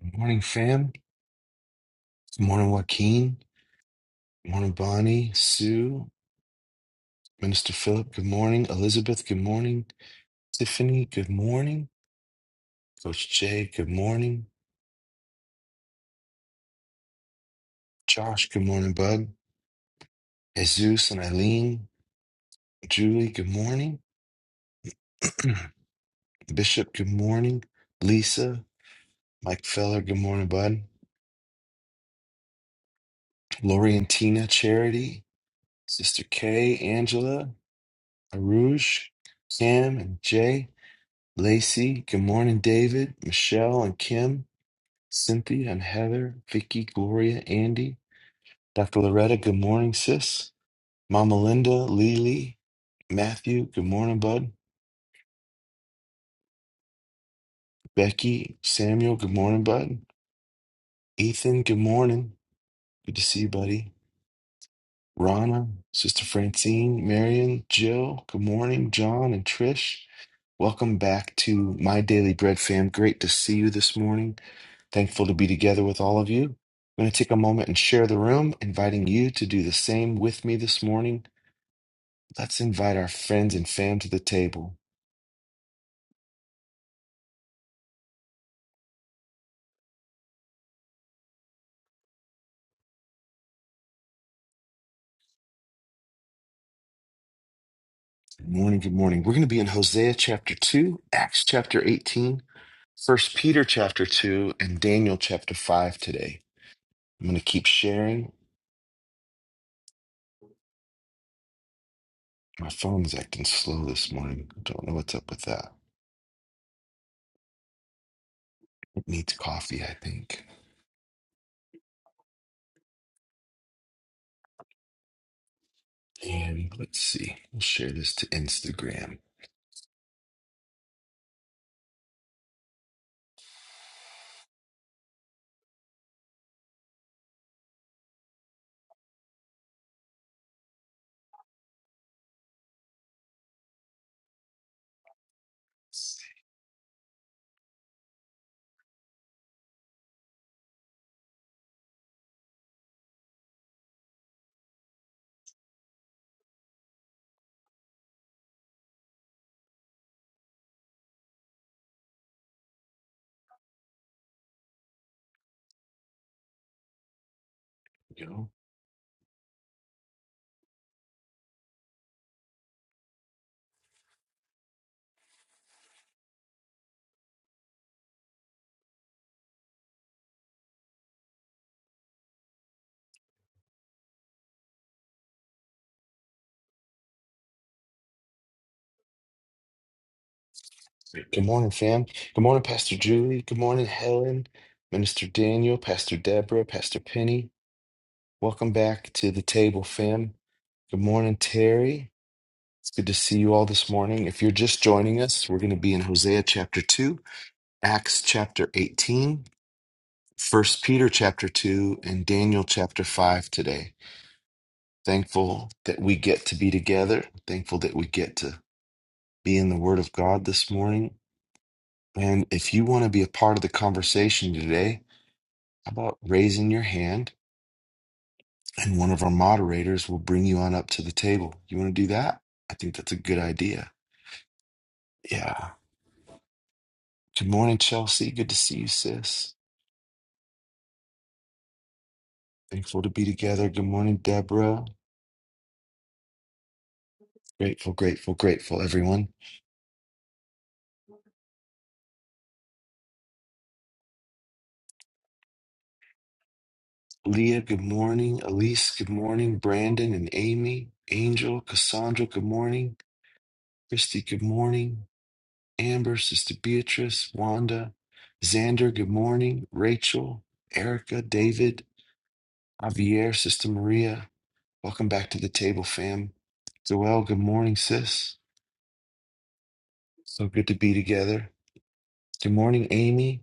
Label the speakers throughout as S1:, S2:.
S1: Good morning, fam. Good morning, Joaquin. Good morning, Bonnie, Sue, Minister Philip. Good morning, Elizabeth. Good morning, Tiffany. Good morning, Coach Jay. Good morning, Josh. Good morning, Bud. Jesus and Eileen. Julie, good morning. Bishop, good morning. Lisa, Mike Feller, good morning, Bud. Lori and Tina, Charity, Sister Kay, Angela, Aruj, Cam, and Jay. Lacey, good morning, David, Michelle, and Kim. Cynthia and Heather, Vicky, Gloria, Andy, Dr. Loretta, good morning, sis. Mama Linda, Lily, Matthew, good morning, bud. Becky, Samuel, good morning, bud. Ethan, good morning. Good to see you, buddy. Rana, Sister Francine, Marion, Jill, good morning, John and Trish. Welcome back to My Daily Bread fam. Great to see you this morning. Thankful to be together with all of you. I'm going to take a moment and share the room, inviting you to do the same with me this morning. Let's invite our friends and fam to the table. Good morning, good morning. We're going to be in Hosea chapter 2, Acts chapter 18, First Peter chapter 2, and Daniel chapter 5 today. I'm going to keep sharing My phone's acting slow this morning. I Don't know what's up with that. It needs coffee, I think. And let's see. We'll share this to Instagram. You know. Good morning, fam. Good morning, Pastor Julie. Good morning, Helen, Minister Daniel, Pastor Deborah, Pastor Penny. Welcome back to the table, fam. Good morning, Terry. It's good to see you all this morning. If you're just joining us, we're going to be in Hosea chapter 2, Acts chapter 18, First Peter chapter 2, and Daniel chapter 5 today. Thankful that we get to be together. Thankful that we get to be in the Word of God this morning. And if you want to be a part of the conversation today, how about raising your hand and one of our moderators will bring you on up to the table? You want to do that? I think that's a good idea. Yeah. Good morning, Chelsea. Good to see you, sis. Thankful to be together. Good morning, Deborah. Grateful, grateful, grateful, everyone. Leah, good morning. Elise, good morning. Brandon and Amy, Angel, Cassandra, good morning. Christy, good morning. Amber, Sister Beatrice, Wanda, Xander, good morning. Rachel, Erica, David, Javier, Sister Maria, welcome back to the table, fam. Joelle, good morning, sis. So good to be together. Good morning, Amy.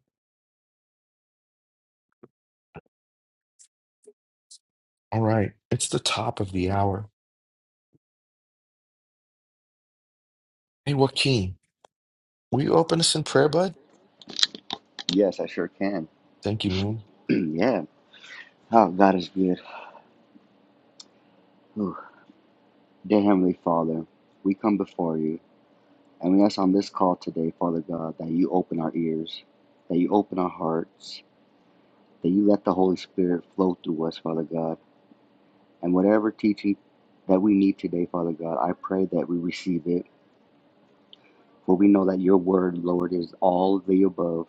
S1: All right, it's the top of the hour. Hey, Joaquin, will you open us in prayer, bud?
S2: Yes, I sure can.
S1: Thank you, man.
S2: yeah. Oh, God is good. Whew. Dear Heavenly Father, we come before you and we ask on this call today, Father God, that you open our ears, that you open our hearts, that you let the Holy Spirit flow through us, Father God. And whatever teaching that we need today, Father God, I pray that we receive it. For we know that your word, Lord, is all of the above.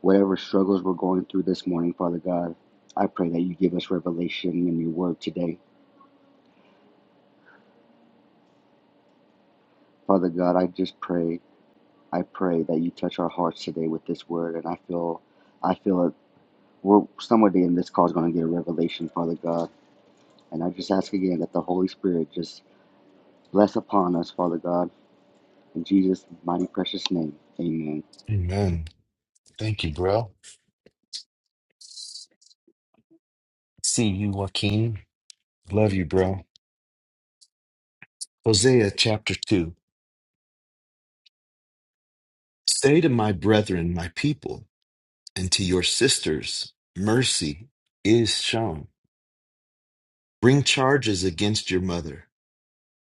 S2: Whatever struggles we're going through this morning, Father God, I pray that you give us revelation in your word today. Father God, I just pray I pray that you touch our hearts today with this word, and I feel, I feel it. We're somebody in this call is going to get a revelation, Father God, and I just ask again that the Holy Spirit just bless upon us, Father God, in Jesus' mighty precious name. Amen.
S1: Amen. Thank you, bro. See you, Joaquin. Love you, bro. Hosea chapter 2. Say to my brethren, my people, and to your sisters, mercy is shown. Bring charges against your mother.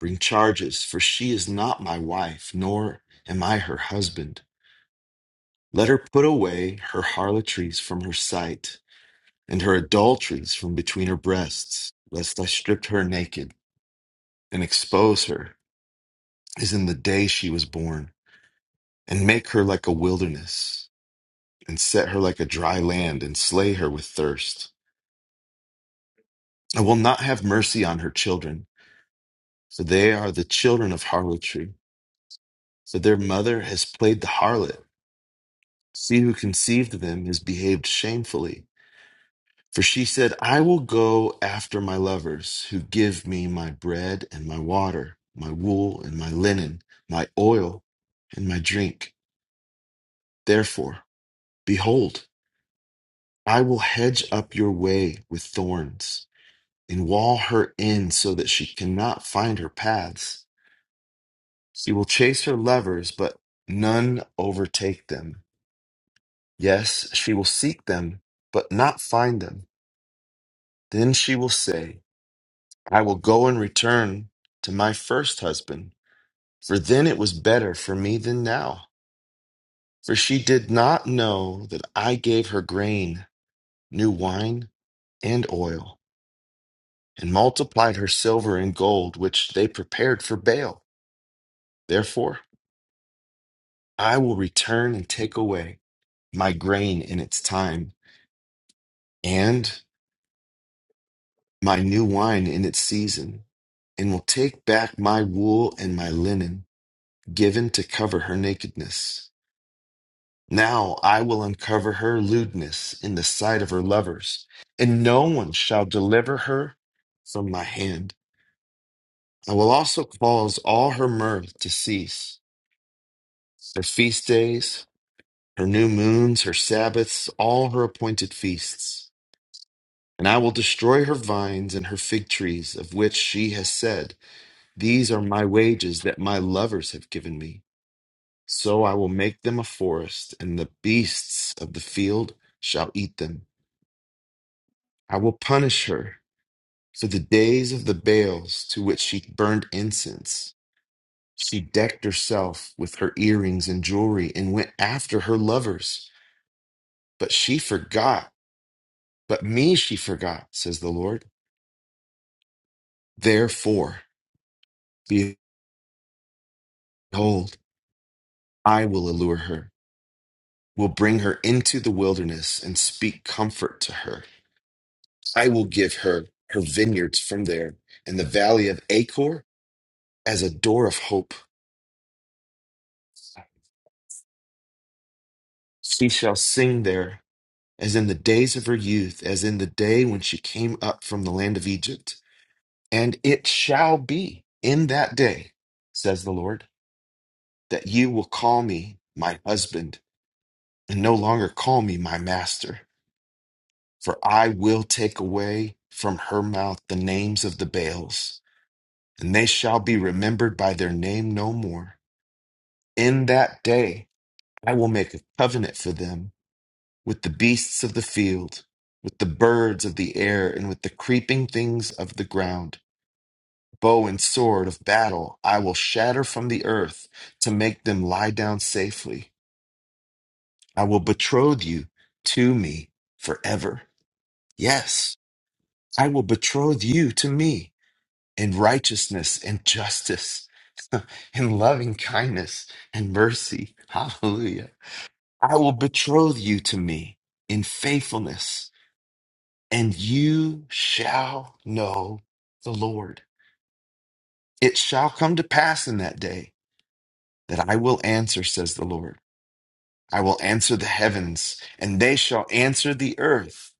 S1: Bring charges, for she is not my wife, nor am I her husband. Let her put away her harlotries from her sight, and her adulteries from between her breasts, lest I strip her naked and expose her as in the day she was born, and make her like a wilderness, and set her like a dry land, and slay her with thirst. I will not have mercy on her children, for they are the children of harlotry. For their mother has played the harlot. She who conceived them has behaved shamefully. For she said, I will go after my lovers, who give me my bread and my water, my wool and my linen, my oil and my drink. Therefore, behold, I will hedge up your way with thorns, and wall her in so that she cannot find her paths. She will chase her lovers, but none overtake them. Yes, she will seek them, but not find them. Then she will say, I will go and return to my first husband, for then it was better for me than now. For she did not know that I gave her grain, new wine, and oil, and multiplied her silver and gold, which they prepared for Baal. Therefore, I will return and take away my grain in its time and. my new wine in its season, and will take back my wool and my linen, given to cover her nakedness. Now I will uncover her lewdness in the sight of her lovers, and no one shall deliver her from my hand. I will also cause all her mirth to cease, her feast days, her new moons, her Sabbaths, all her appointed feasts. And I will destroy her vines and her fig trees, of which she has said, These are my wages that my lovers have given me. So I will make them a forest, and the beasts of the field shall eat them. I will punish her for the days of the bales to which she burned incense. She decked herself with her earrings and jewelry and went after her lovers. But she forgot, but me she forgot, says the Lord. Therefore, behold, I will allure her, will bring her into the wilderness and speak comfort to her. I will give her her vineyards from there and the valley of Achor as a door of hope. She shall sing there as in the days of her youth, as in the day when she came up from the land of Egypt. And it shall be in that day, says the Lord, that you will call me my husband and no longer call me my master. For I will take away from her mouth the names of the Baals, and they shall be remembered by their name no more. In that day, I will make a covenant for them with the beasts of the field, with the birds of the air, and with the creeping things of the ground. Bow and sword of battle I will shatter from the earth to make them lie down safely. I will betroth you to me forever. Yes, I will betroth you to me in righteousness and justice, in loving kindness and mercy. Hallelujah. I will betroth you to me in faithfulness, and you shall know the Lord. It shall come to pass in that day that I will answer, says the Lord. I will answer the heavens, and they shall answer the earth.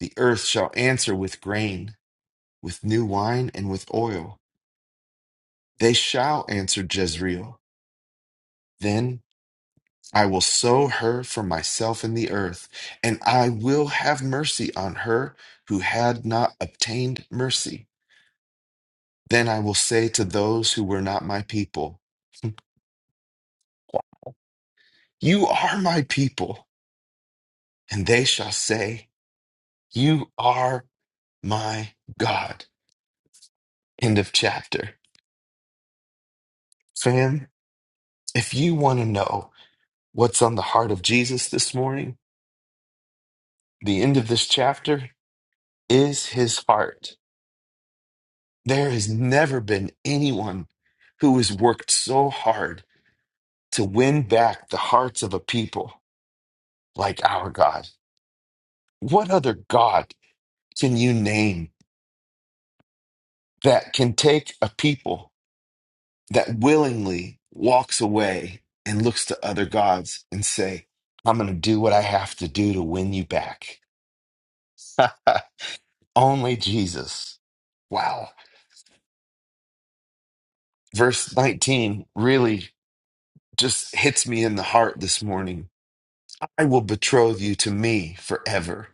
S1: The earth shall answer with grain, with new wine, and with oil. They shall answer Jezreel. Then. I will sow her for myself in the earth, and I will have mercy on her who had not obtained mercy. Then I will say to those who were not my people, You are my people. And they shall say, You are my God. End of chapter. Fam, if you want to know what's on the heart of Jesus this morning, the end of this chapter is his heart. There has never been anyone who has worked so hard to win back the hearts of a people like our God. What other God can you name that can take a people that willingly walks away and looks to other gods and say, I'm going to do what I have to do to win you back? Only Jesus. Wow. Verse 19 really just hits me in the heart this morning I will betroth you to me forever.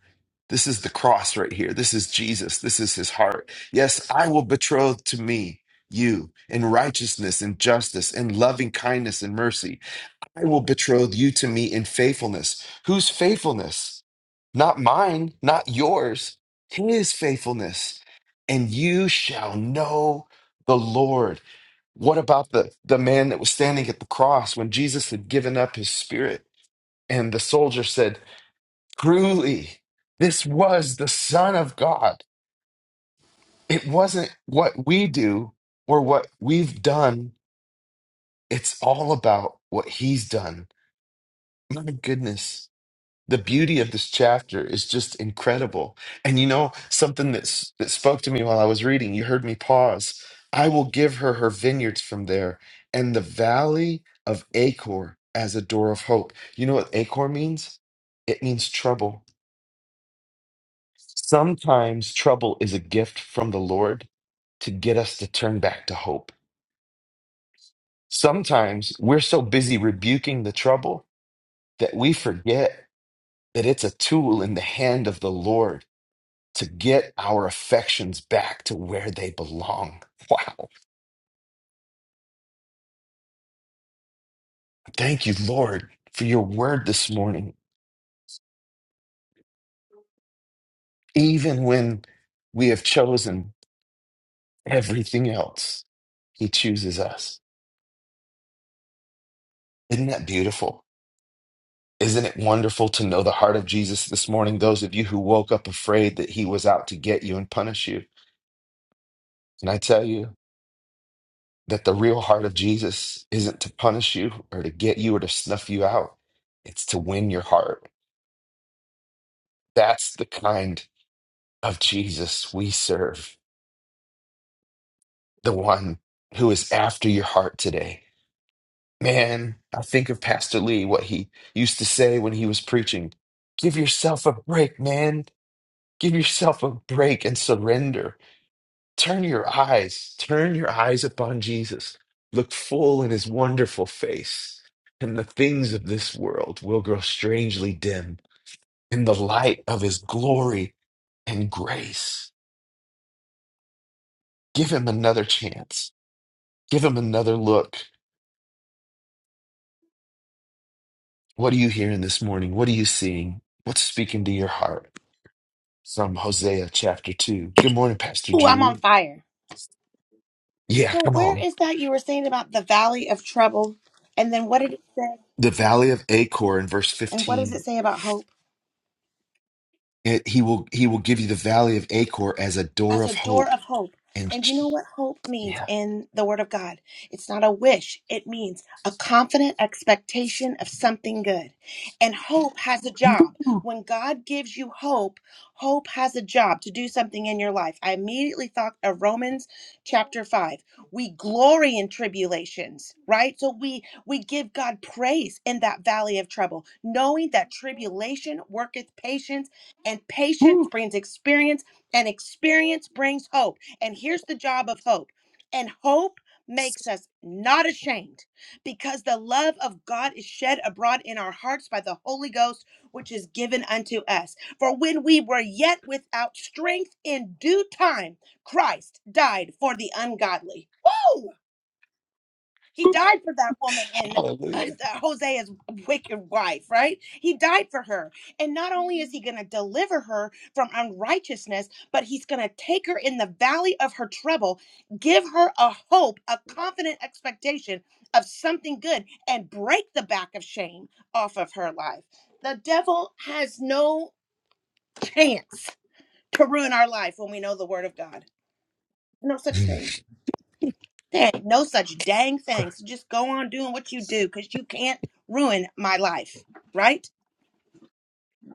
S1: This is the cross right here. This is Jesus. This is his heart. Yes, I will betroth to me you in righteousness and justice and loving kindness and mercy. I will betroth you to me in faithfulness. Whose faithfulness? Not mine, not yours, his faithfulness. And you shall know the Lord. What about the, the man that was standing at the cross when Jesus had given up his spirit? And the soldier said, Truly, this was the Son of God. It wasn't what we do or what we've done, it's all about what he's done. My goodness. The beauty of this chapter is just incredible. And you know, something that's, that spoke to me while I was reading, you heard me pause. I will give her her vineyards from there and the valley of Acor as a door of hope. You know what Acor means? It means trouble Sometimes trouble is a gift from the Lord to get us to turn back to hope. Sometimes we're so busy rebuking the trouble that we forget that it's a tool in the hand of the Lord to get our affections back to where they belong. Wow. Thank you, Lord, for your word this morning. Even when we have chosen everything else, He chooses us. Isn't that beautiful? Isn't it wonderful to know the heart of Jesus this morning? Those of you who woke up afraid that he was out to get you and punish you. Can I tell you that the real heart of Jesus isn't to punish you or to get you or to snuff you out? It's to win your heart. That's the kind of Jesus we serve, the one who is after your heart today. Man, I think of Pastor Lee, what he used to say when he was preaching give yourself a break, man. Give yourself a break and surrender Turn your eyes, turn your eyes upon Jesus. Look full in his wonderful face, and the things of this world will grow strangely dim in the light of his glory and grace. Give him another chance. Give him another look. What are you hearing this morning? What are you seeing? What's speaking to your heart? From Hosea chapter 2. Good morning, Pastor
S3: Oh, I'm on
S1: Julie.
S3: fire.
S1: Yeah,
S3: So
S1: come
S3: where
S1: on.
S3: is that you were saying about the valley of trouble? And then what did it say?
S1: The valley of Achor in verse
S3: And what does
S1: 15.
S3: it say about hope?
S1: It, he will he will give you the valley of Acor as a door
S3: as a
S1: of
S3: door
S1: hope.
S3: of hope.
S1: And
S3: And you know what hope means
S1: yeah.
S3: in the Word of God? It's not a wish, it means a confident expectation of something good. And hope has a job. When God gives you hope, hope has a job to do something in your life. I immediately thought of Romans chapter 5. We glory in tribulations, right? So we we give God praise in that valley of trouble, knowing that tribulation worketh patience and patience brings experience and experience brings hope. And here's the job of hope. And hope makes us not ashamed because the love of God is shed abroad in our hearts by the Holy Ghost, which is given unto us. For when we were yet without strength in due time, Christ died for the ungodly. Woo! He died for that woman in uh,
S1: Hallelujah.
S3: Hosea's wicked wife, right? He died for her. And not only is he going to deliver her from unrighteousness, but he's going to take her in the valley of her trouble, give her a hope, a confident expectation of something good, and break the back of shame off of her life. The devil has no chance to ruin our life when we know the word of God. No such thing. There ain't no such dang thing. So just go on doing what you do because you can't ruin my life, right?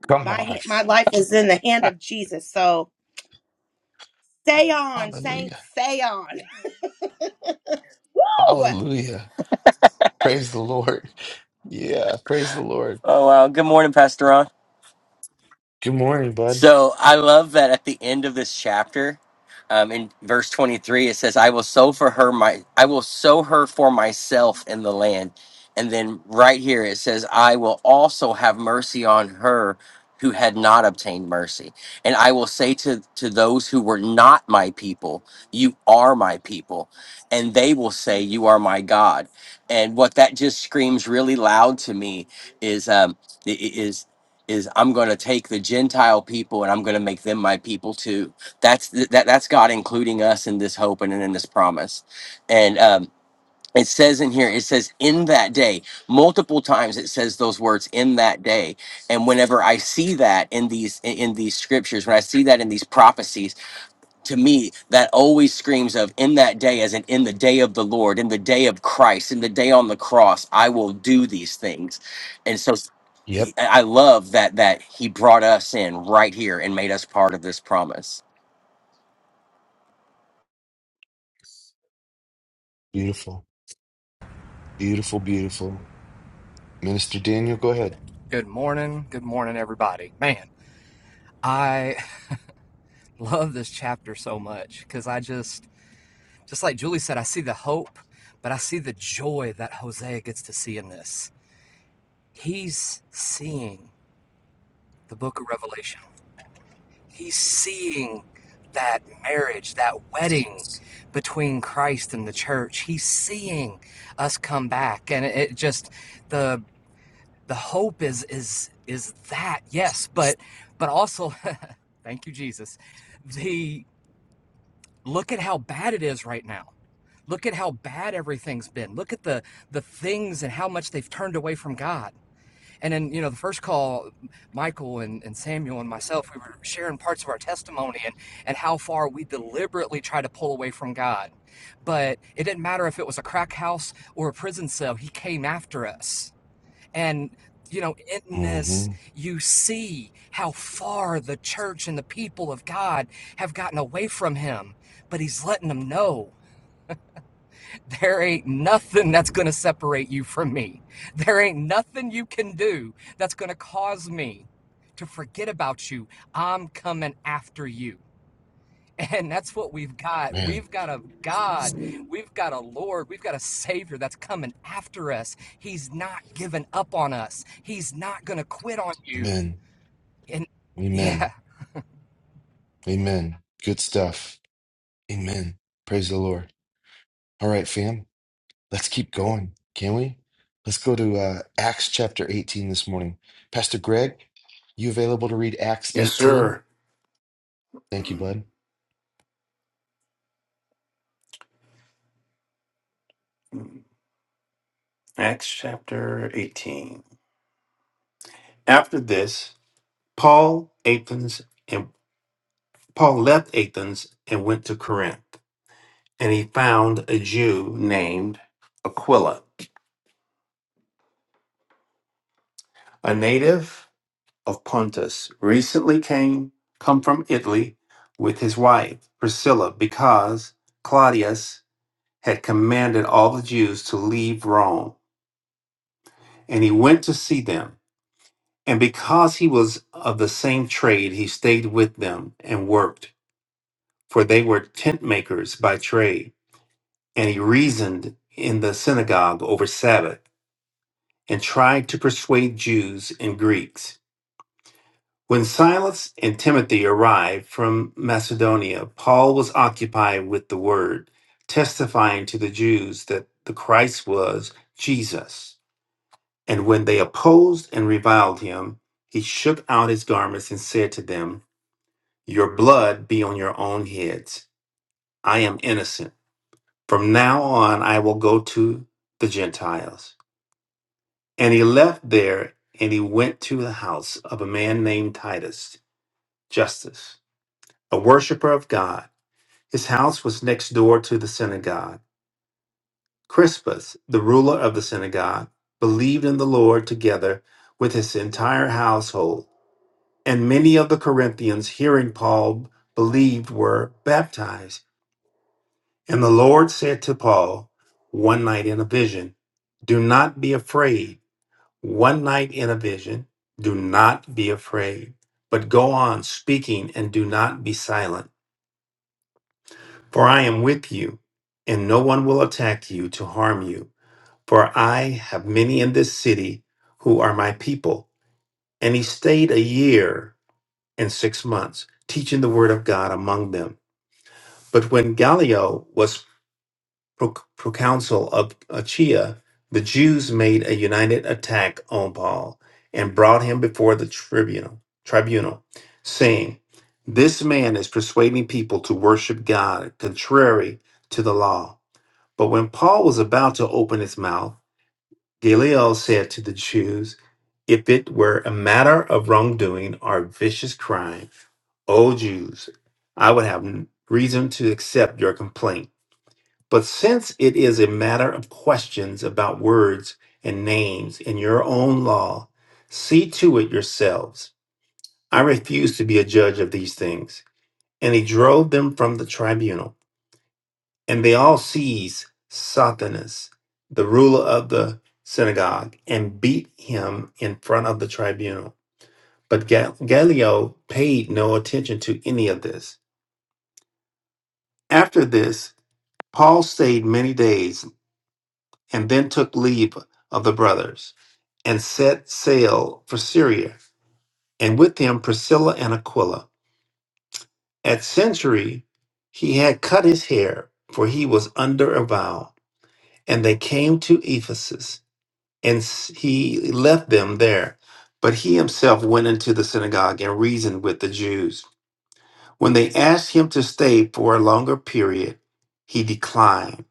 S1: Come
S3: My
S1: on.
S3: ha- my life is in the hand of Jesus. So stay on,
S1: Hallelujah.
S3: saints, stay on. Woo!
S1: Hallelujah. Praise the Lord. Yeah, praise the Lord.
S4: Oh wow! Good morning, Pastor Ron.
S1: Good morning, bud.
S4: So I love that at the end of this chapter, um, in verse twenty-three, it says, "I will sow for her my, I will sow her for myself in the land," and then right here it says, "I will also have mercy on her who had not obtained mercy, and I will say to to those who were not my people, you are my people, and they will say, you are my God." And what that just screams really loud to me is, um, is I'm going to take the Gentile people and I'm going to make them my people too. That's that that's God including us in this hope and in this promise. And um, it says in here, it says in that day, multiple times it says those words in that day. And whenever I see that in these in in these scriptures, when I see that in these prophecies, to me that always screams of in that day, as in in the day of the Lord, in the day of Christ, in the day on the cross, I will do these things. And so
S1: Yep.
S4: I love that that he brought us in right here and made us part of this promise.
S1: Beautiful. Beautiful, beautiful. Minister Daniel, go ahead.
S5: Good morning. Good morning, everybody. Man, I love this chapter so much because I just, just like Julie said, I see the hope, but I see the joy that Hosea gets to see in this. He's seeing the book of Revelation, he's seeing that marriage, that wedding between Christ and the church. He's seeing us come back. And it, just the. the hope is is is that yes but but also thank you jesus the look at how bad it is right now look at how bad everything's been look at the the things and how much they've turned away from god and then you know the first call michael and, and samuel and myself we were sharing parts of our testimony and and how far we deliberately try to pull away from god but it didn't matter if it was a crack house or a prison cell he came after us and, you know, in this,
S1: Mm-hmm.
S5: you see how far the church and the people of God have gotten away from him. But he's letting them know there ain't nothing that's going to separate you from me. There ain't nothing you can do that's going to cause me to forget about you. I'm coming after you. And that's what we've got.
S1: Man.
S5: We've got a God. We've got a Lord. We've got a Savior that's coming after us. He's not giving up on us. He's not going to quit on you.
S1: Amen.
S5: And
S1: Amen.
S5: yeah,
S1: Amen. Good stuff. Amen. Praise the Lord. All right, fam. Let's keep going, can we? Let's go to uh, Acts chapter 18 this morning. Pastor Greg, you available to read Acts
S6: Yes,
S1: 18?
S6: sir.
S1: Thank you, bud.
S6: Acts chapter 18. After this, Paul Athens and Paul left Athens and went to Corinth, and he found a Jew named Aquila, a native of Pontus, recently came come from Italy with his wife Priscilla because Claudius had commanded all the Jews to leave Rome, and he went to see them. And because he was of the same trade, he stayed with them and worked, for they were tent makers by trade. And he reasoned in the synagogue over Sabbath and tried to persuade Jews and Greeks. When Silas and Timothy arrived from Macedonia, Paul was occupied with the word, testifying to the Jews that the Christ was Jesus. And when they opposed and reviled him, he shook out his garments and said to them, Your blood be on your own heads. I am innocent. From now on, I will go to the Gentiles. And he left there and he went to the house of a man named Titus, Justus, a worshiper of God. His house was next door to the synagogue. Crispus, the ruler of the synagogue, believed in the Lord together with his entire household. And many of the Corinthians, hearing Paul, believed were baptized. And the Lord said to Paul one night in a vision, Do not be afraid. One night in a vision, do not be afraid, but go on speaking and do not be silent. For I am with you, and no one will attack you to harm you. For I have many in this city who are my people. And he stayed a year and six months, teaching the word of God among them. But when Gallio was pro- proconsul of Achaia, the Jews made a united attack on Paul and brought him before the tribunal, tribunal, saying, "This man is persuading people to worship God contrary to the law." But when Paul was about to open his mouth, Galileo said to the Jews, "If it were a matter of wrongdoing or vicious crime, O Jews, I would have reason to accept your complaint." But since it is a matter of questions about words and names in your own law, see to it yourselves. I refuse to be a judge of these things. And he drove them from the tribunal. And they all seized Sothenes, the ruler of the synagogue, and beat him in front of the tribunal. But Ga- Gallio paid no attention to any of this. After this, Paul stayed many days and then took leave of the brothers and set sail for Syria, and with him Priscilla and Aquila. At century, he had cut his hair, for he was under a vow. And they came to Ephesus, and s- he left them there. But he himself went into the synagogue and reasoned with the Jews. When they asked him to stay for a longer period, he declined.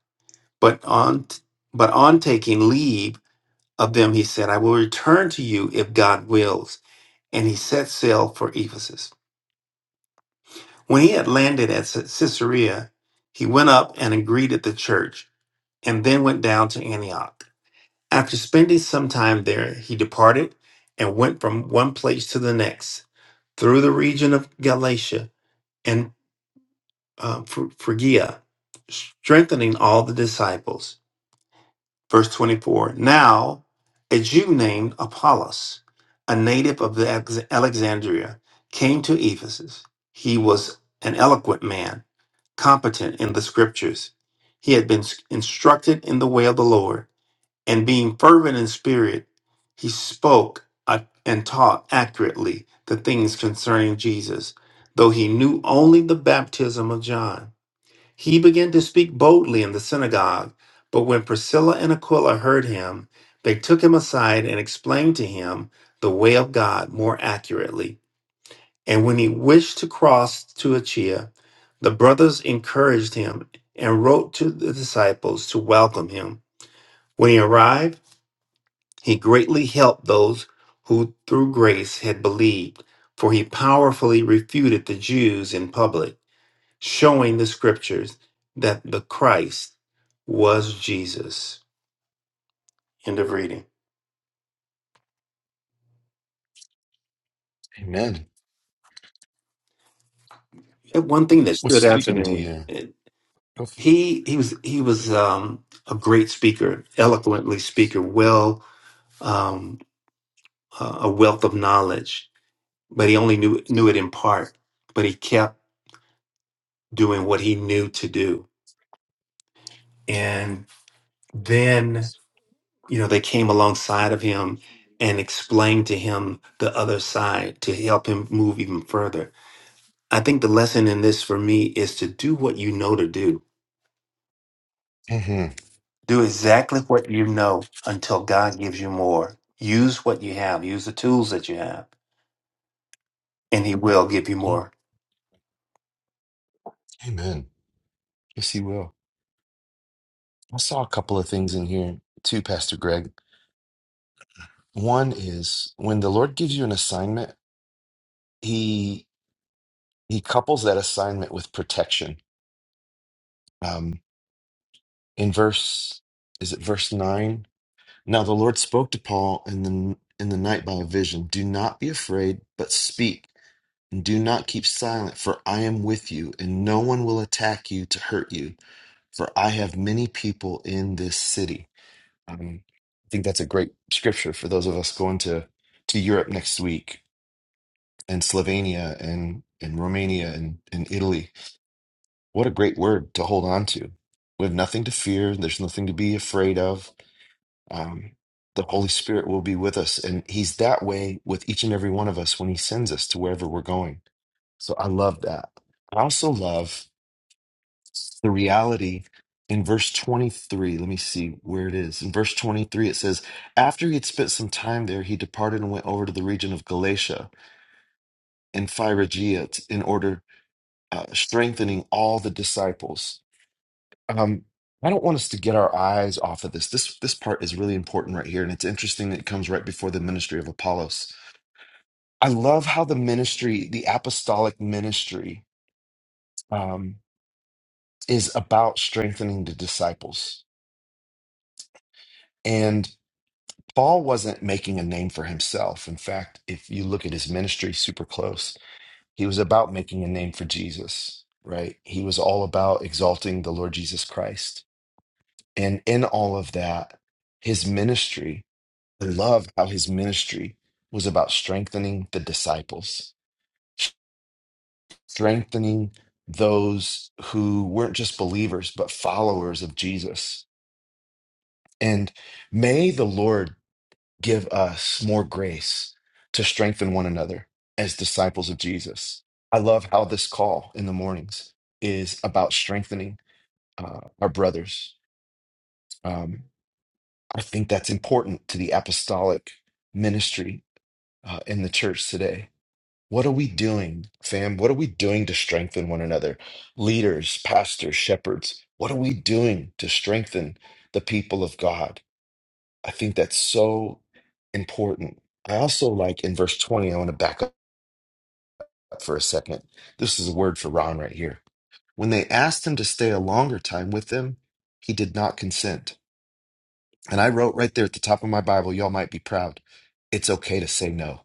S6: But on, but on taking leave, of them, he said, I will return to you if God wills. And he set sail for Ephesus. When he had landed at Cy- Caesarea, he went up and agreed at the church, and then went down to Antioch. After spending some time there, he departed and went from one place to the next, through the region of Galatia and uh, Phry- Phrygia, strengthening all the disciples. Verse 24 Now a Jew named Apollos, a native of the Alex- Alexandria, came to Ephesus. He was an eloquent man, competent in the scriptures. He had been instructed in the way of the Lord, and being fervent in spirit, he spoke uh, and taught accurately the things concerning Jesus, though he knew only the baptism of John. He began to speak boldly in the synagogue, but when Priscilla and Aquila heard him, they took him aside and explained to him the way of God more accurately. And when he wished to cross to Achaia, the brothers encouraged him and wrote to the disciples to welcome him. When he arrived, he greatly helped those who through grace had believed, for he powerfully refuted the Jews in public showing the scriptures that the Christ was Jesus. End of reading.
S1: Amen.
S6: And one thing that
S1: What's
S6: stood out to
S1: speaking to
S6: me,
S1: you?
S6: eh,
S1: Go f-
S6: he he was he was um, a great speaker, eloquently speaker, well um, uh, a wealth of knowledge, but he only knew knew it in part. But he kept doing what he knew to do, and then you know they came alongside of him and explained to him the other side to help him move even further I think the lesson in this for me is to do what you know to do.
S1: Mhm.
S6: Do exactly what you know until God gives you more. Use what you have, use the tools that you have, and He will give you more.
S1: Mm, Amen. Yes, he will. I saw a couple of things in here too, Pastor Greg. One is when the Lord gives you an assignment, he he couples that assignment with protection. Um, in verse, is it verse nine? Now the Lord spoke to Paul in the in the night by a vision. Do not be afraid, but speak, and do not keep silent, for I am with you, and no one will attack you to hurt you, for I have many people in this city. Um, I think that's a great scripture for those of us going to to Europe next week, and Slovenia, and and Romania, and and Italy. What a great word to hold on to. We have nothing to fear. There's nothing to be afraid of Um, the Holy Spirit will be with us, and He's that way with each and every one of us when He sends us to wherever we're going. So I love that. I also love the reality in verse 23. Let me see where it is. In verse 23, it says, After he had spent some time there, he departed and went over to the region of Galatia and Phrygia in order, uh, strengthening all the disciples. Um, I don't want us to get our eyes off of this. This this part is really important right here, and it's interesting that it comes right before the ministry of Apollos. I love how the ministry, the apostolic ministry, um, is about strengthening the disciples. And Paul wasn't making a name for himself. In fact, if you look at his ministry super close, he was about making a name for Jesus, right? He was all about exalting the Lord Jesus Christ. And in all of that, his ministry I love how his ministry was about strengthening the disciples, strengthening those who weren't just believers, but followers of Jesus. And may the Lord give us more grace to strengthen one another as disciples of Jesus. I love how this call in the mornings is about strengthening uh, our brothers. Um, I think that's important to the apostolic ministry uh, in the church today What are we doing, fam? What are we doing to strengthen one another? Leaders, pastors, shepherds, what are we doing to strengthen the people of God? I think that's so important. I also like in verse 20, I want to back up for a second. This is a word for Ron right here. When they asked him to stay a longer time with them, he did not consent. And I wrote right there at the top of my Bible, y'all might be proud. It's okay to say no.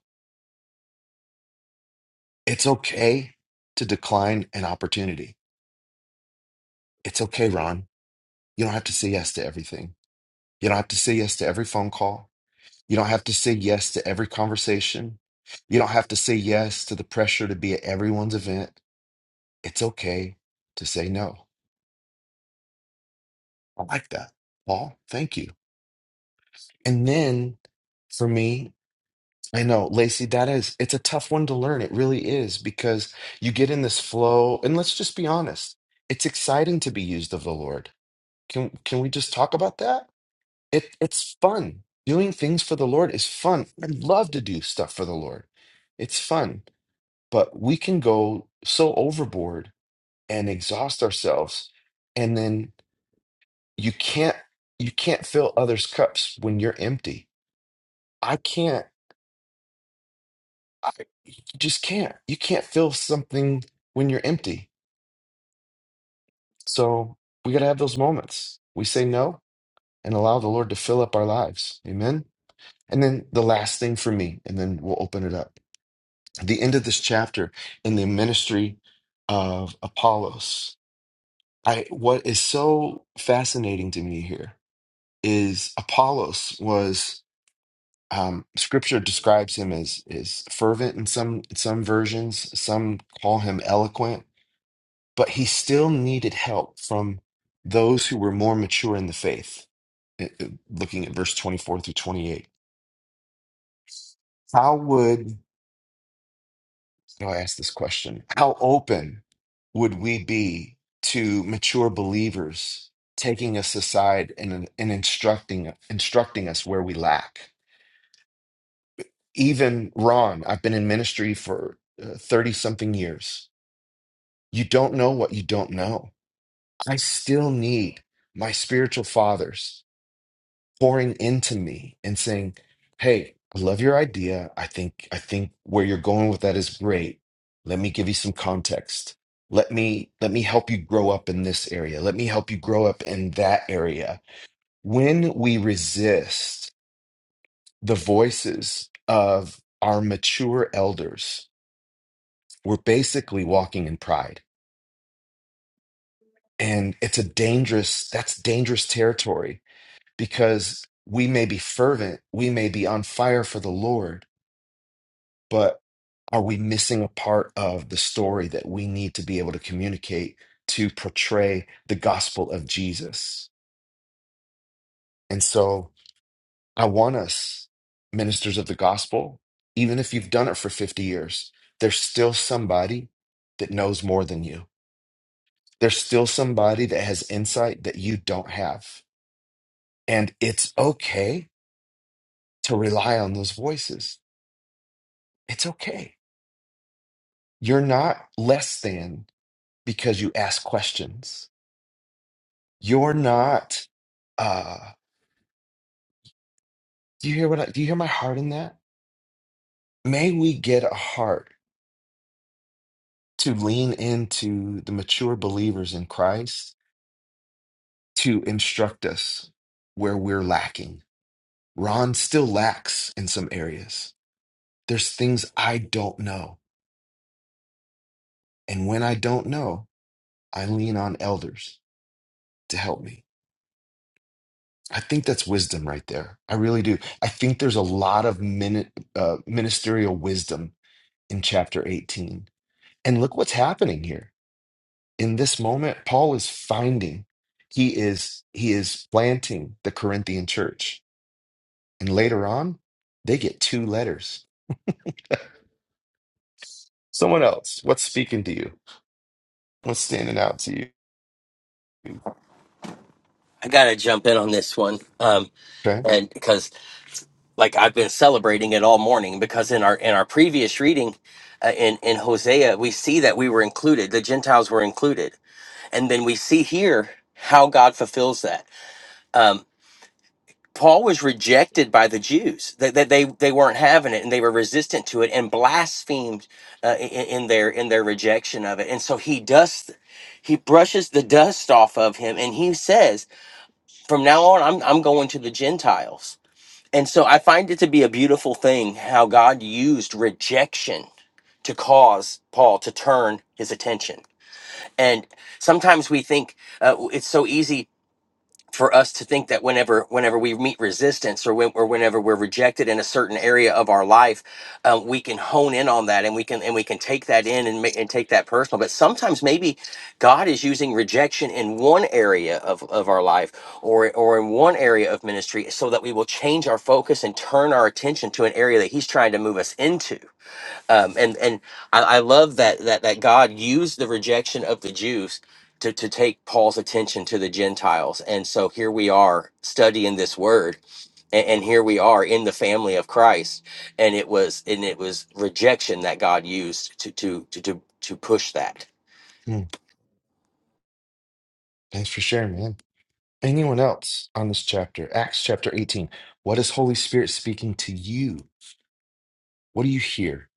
S1: It's okay to decline an opportunity. It's okay, Ron. You don't have to say yes to everything. You don't have to say yes to every phone call. You don't have to say yes to every conversation. You don't have to say yes to the pressure to be at everyone's event. It's okay to say no. I like that. Paul, thank you. And then for me, I know, Lacey, that is, it's a tough one to learn. It really is because you get in this flow. And let's just be honest, it's exciting to be used of the Lord. Can, can we just talk about that? It it's fun. Doing things for the Lord is fun. I love to do stuff for the Lord. It's fun, but we can go so overboard and exhaust ourselves and then you can't you can't fill others' cups when you're empty. I can't I just can't. You can't fill something when you're empty. So we got to have those moments. We say no and allow the Lord to fill up our lives. Amen. And then the last thing for me and then we'll open it up the end of this chapter in the ministry of Apollos. I what is so fascinating to me here is Apollos was um, Scripture describes him as is fervent in some some versions. Some call him eloquent, but he still needed help from those who were more mature in the faith. It- it- Looking at verse twenty four through twenty eight, how would So I ask this question How open would we be to mature believers taking us aside and, and instructing, instructing us where we lack? Even Ron, I've been in ministry for 30 something years. You don't know what you don't know. I still need my spiritual fathers pouring into me and saying, "Hey, I love your idea. I think I think where you're going with that is great. Let me give you some context. Let me let me help you grow up in this area. Let me help you grow up in that area." When we resist the voices of our mature elders, we're basically walking in pride. And it's a dangerous that's dangerous territory because we may be fervent, we may be on fire for the Lord, but are we missing a part of the story that we need to be able to communicate to portray the gospel of Jesus? And so I want us, ministers of the gospel, even if you've done it for 50 years, there's still somebody that knows more than you. There's still somebody that has insight that you don't have. And it's okay to rely on those voices. It's okay. You're not less than because you ask questions You're not. Uh, do you hear what I, do you hear my heart in that? May we get a heart to lean into the mature believers in Christ to instruct us where we're lacking. Ron still lacks in some areas. There's things I don't know. And when I don't know, I lean on elders to help me. I think that's wisdom right there. I really do. I think there's a lot of mini, uh, ministerial wisdom in chapter 18 And look what's happening here. In this moment, Paul is finding, he is he is planting the Corinthian church. And later on, they get two letters. Someone else, what's speaking to you? What's standing out to you?
S4: I gotta jump in on this one, um,
S1: Okay.
S4: and because like I've been celebrating it all morning, because in our in our previous reading, uh, in in Hosea, we see that we were included, the Gentiles were included, and then we see here how God fulfills that. Um, Paul was rejected by the Jews. That they, they, they they weren't having it, and they were resistant to it, and blasphemed uh, in, in their in their rejection of it. And so he dust, he brushes the dust off of him, and he says, "From now on, I'm I'm going to the Gentiles." And so I find it to be a beautiful thing how God used rejection to cause Paul to turn his attention. And sometimes we think uh, it's so easy for us to think that whenever whenever we meet resistance or, when, or whenever we're rejected in a certain area of our life um, we can hone in on that and we can and we can take that in and, ma- and take that personal but sometimes maybe god is using rejection in one area of, of our life or or in one area of ministry so that we will change our focus and turn our attention to an area that he's trying to move us into um, and and I, I love that that that God used the rejection of the Jews to to take Paul's attention to the Gentiles, and so here we are studying this word, and, and here we are in the family of Christ, and it was and it was rejection that God used to to to to, to push that.
S1: Hmm. Thanks for sharing, man. Anyone else on this chapter? Acts chapter 18. What is Holy Spirit speaking to you? What do you hear?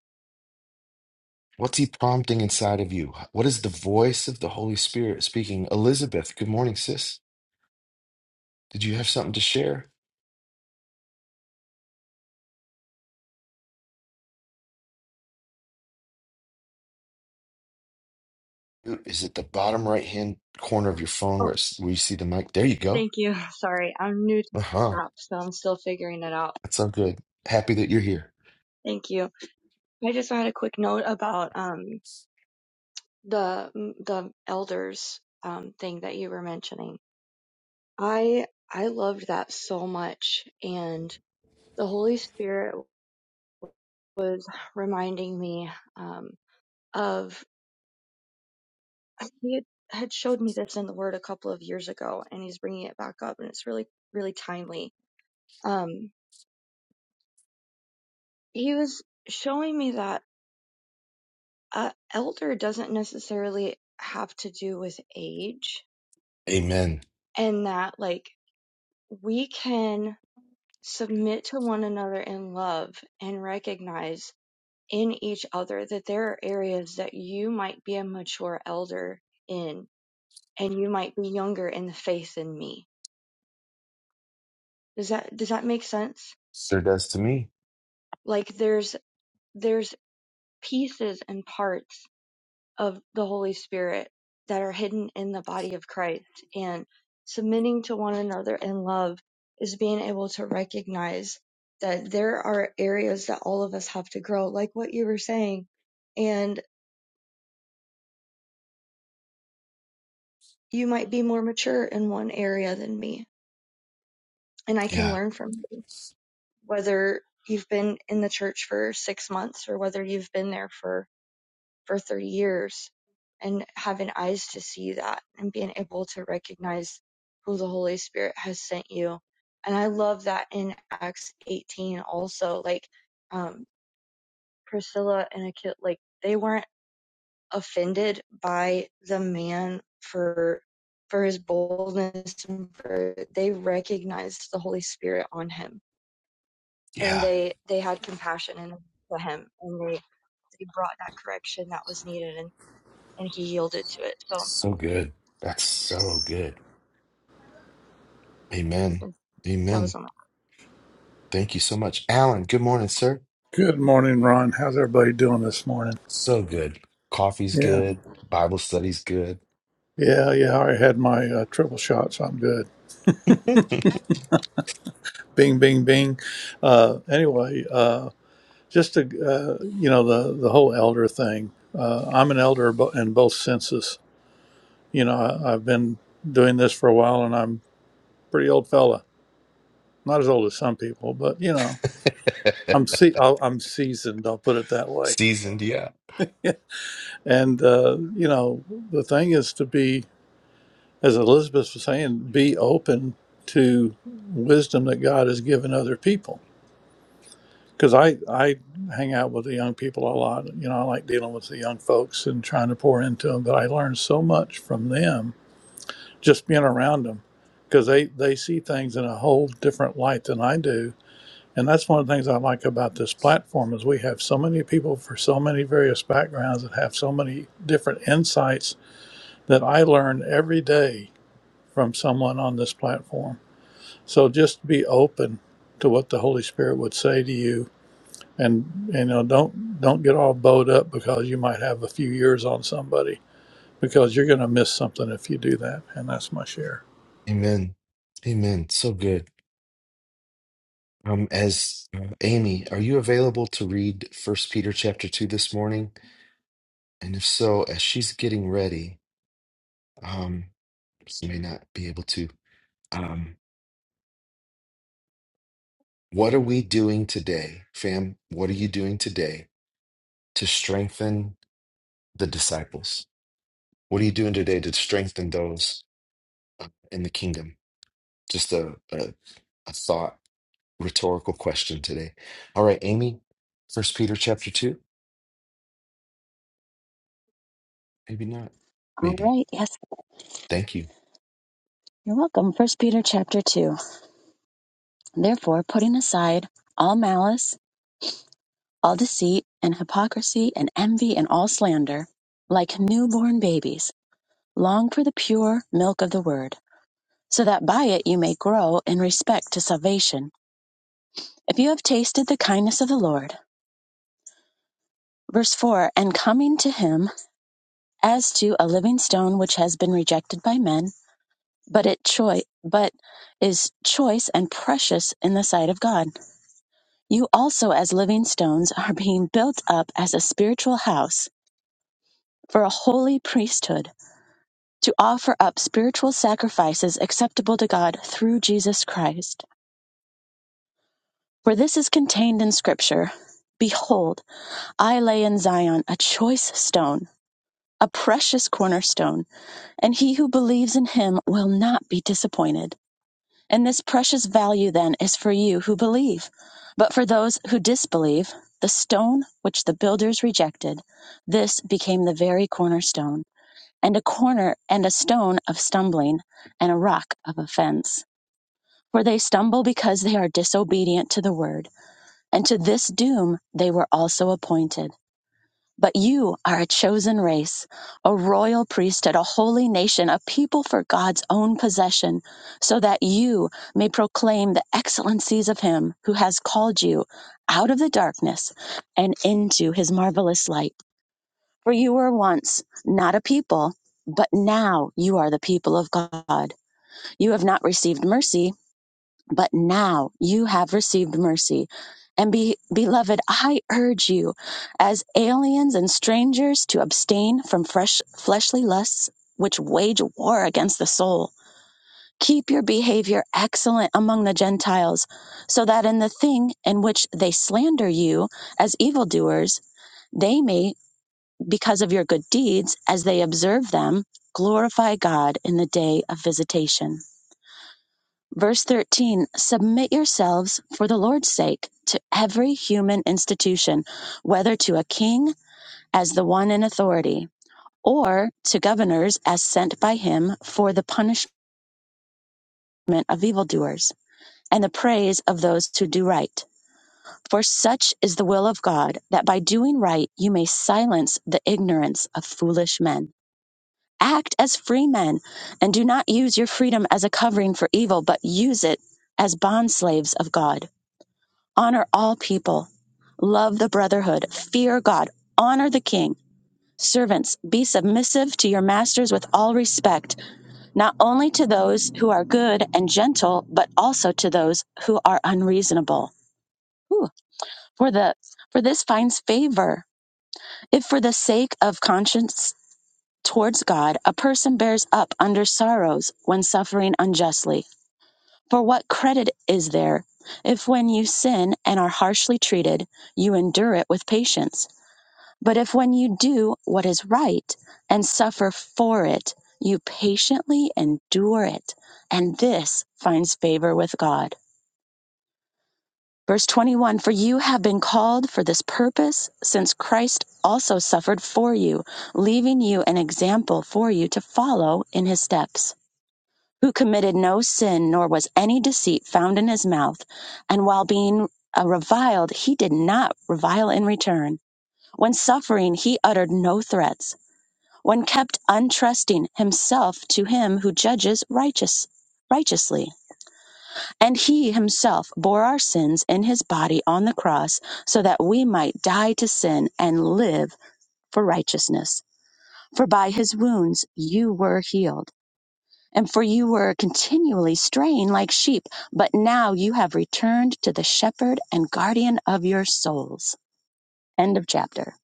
S1: What's he prompting inside of you? What is the voice of the Holy Spirit speaking? Elizabeth, good morning, sis. Did you have something to share? Is it the bottom right hand corner of your phone
S7: Oh,
S1: where it's, where you see the mic? There you go.
S7: thank you. Sorry, I'm new to
S1: Uh-huh.
S7: the app, so I'm still figuring it out.
S1: That's so good. Happy that you're here.
S7: Thank you. I just had a quick note about um the the elders um thing that you were mentioning. I I loved that so much, and the Holy Spirit was reminding me um of he had had showed me this in the Word a couple of years ago, and he's bringing it back up, and it's really really timely. Um, he was showing me that uh, elder doesn't necessarily have to do with age
S1: Amen.
S7: and that like we can submit to one another in love and recognize in each other that there are areas that you might be a mature elder in and you might be younger in the faith than me does that does that make sense
S1: Sure does to me.
S7: like there's there's pieces and parts of the Holy Spirit that are hidden in the body of Christ. And submitting to one another in love is being able to recognize that there are areas that all of us have to grow, like what you were saying. And you might be more mature in one area than me, and I can
S1: Yeah.
S7: learn from you, whether you've been in the church for six months or whether you've been there for for 30 years and having eyes to see that and being able to recognize who the Holy Spirit has sent you. And I love that in Acts 18 also, like, um, Priscilla and Achille, like, they weren't offended by the man for, for his boldness and for, they recognized the Holy Spirit on him and
S1: Yeah.
S7: they, they had compassion and for him and they, they brought that correction that was needed and, and he yielded to it. So,
S1: So good. That's so good. Amen.
S7: Mm, That
S1: Amen.
S7: was on.
S1: Thank you so much. Alan, good morning, sir.
S8: Good morning, Ron. How's everybody doing this morning?
S1: So good. Coffee's
S8: Yeah,
S1: good. Bible study's good.
S8: yeah, yeah. I already had my uh, triple shot, so I'm good. Bing, bing, bing. Uh, anyway, uh, just to, uh, you know, the, the whole elder thing. Uh, I'm an elder bo- in both senses. You know, I, I've been doing this for a while and I'm a pretty old fella. Not as old as some people, but, you know, I'm, se- I'll, I'm seasoned, I'll put it that way.
S1: Seasoned, yeah.
S8: And, uh, you know, the thing is to be as Elizabeth was saying, be open to wisdom that God has given other people. Because I, I hang out with the young people a lot. You know, I like dealing with the young folks and trying to pour into them, but I learn so much from them just being around them because they, they see things in a whole different light than I do. And that's one of the things I like about this platform is we have so many people for so many various backgrounds that have so many different insights that I learn every day from someone on this platform So just be open to what the Holy Spirit would say to you, and you know don't don't get all bowed up because you might have a few years on somebody because you're going to miss something if you do that. And that's my share.
S1: Amen. Amen. So good. Um, as uh, Amy, are you available to read First Peter chapter two this morning? And if so, as she's getting ready, um, she may not be able to. Um, what are we doing today, fam? What are you doing today to strengthen the disciples? What are you doing today to strengthen those uh, in the kingdom? Just a, a a thought, rhetorical question today. All right, Amy, First Peter chapter two. Maybe not.
S9: All
S1: Maybe.
S9: right. Yes,
S1: Thank you.
S9: you're welcome. First Peter chapter two. Therefore, putting aside all malice, all deceit, and hypocrisy, and envy, and all slander, like newborn babies, long for the pure milk of the word, so that by it you may grow in respect to salvation, if you have tasted the kindness of the Lord. Verse four. And coming to him as to a living stone which has been rejected by men, but it choi- but is choice and precious in the sight of God You also, as living stones, are being built up as a spiritual house for a holy priesthood to offer up spiritual sacrifices acceptable to God through Jesus Christ. For this is contained in Scripture Behold, I lay in Zion a choice stone, a precious cornerstone, and he who believes in him will not be disappointed. And this precious value then is for you who believe. But for those who disbelieve, the stone which the builders rejected, this became the very cornerstone, and a corner and a stone of stumbling, and a rock of offense. For they stumble because they are disobedient to the word, and to this doom they were also appointed. But you are a chosen race, a royal priesthood, a holy nation, a people for God's own possession, so that you may proclaim the excellencies of Him who has called you out of the darkness and into His marvelous light. For you were once not a people, but now you are the people of God. You have not received mercy but now you have received mercy. And be, beloved, I urge you as aliens and strangers to abstain from fresh, fleshly lusts which wage war against the soul. Keep your behavior excellent among the Gentiles, so that in the thing in which they slander you as evildoers, they may, because of your good deeds, as they observe them, glorify God in the day of visitation. Verse 13 Submit yourselves for the Lord's sake to every human institution, whether to a king as the one in authority, or to governors as sent by him for the punishment of evildoers and the praise of those who do right. For such is the will of God, that by doing right you may silence the ignorance of foolish men. Act as free men, and do not use your freedom as a covering for evil, but use it as bondslaves of God honor all people, love the brotherhood, fear God, honor the king. Servants, be submissive to your masters with all respect, not only to those who are good and gentle, but also to those who are unreasonable. Ooh, for the for this finds favor. If for the sake of conscience towards God, a person bears up under sorrows when suffering unjustly For what credit is there if when you sin and are harshly treated, you endure it with patience? But if when you do what is right and suffer for it, you patiently endure it, and this finds favor with God. Verse 21 For you have been called for this purpose, since Christ also suffered for you, leaving you an example for you to follow in his steps who committed no sin, nor was any deceit found in his mouth. And while being uh, reviled, he did not revile in return. When suffering, he uttered no threats. When kept untrusting himself to him who judges righteous, righteously. And he himself bore our sins in his body on the cross so that we might die to sin and live for righteousness. For by his wounds you were healed and for you were continually straying like sheep, but now you have returned to the shepherd and guardian of your souls. End of chapter.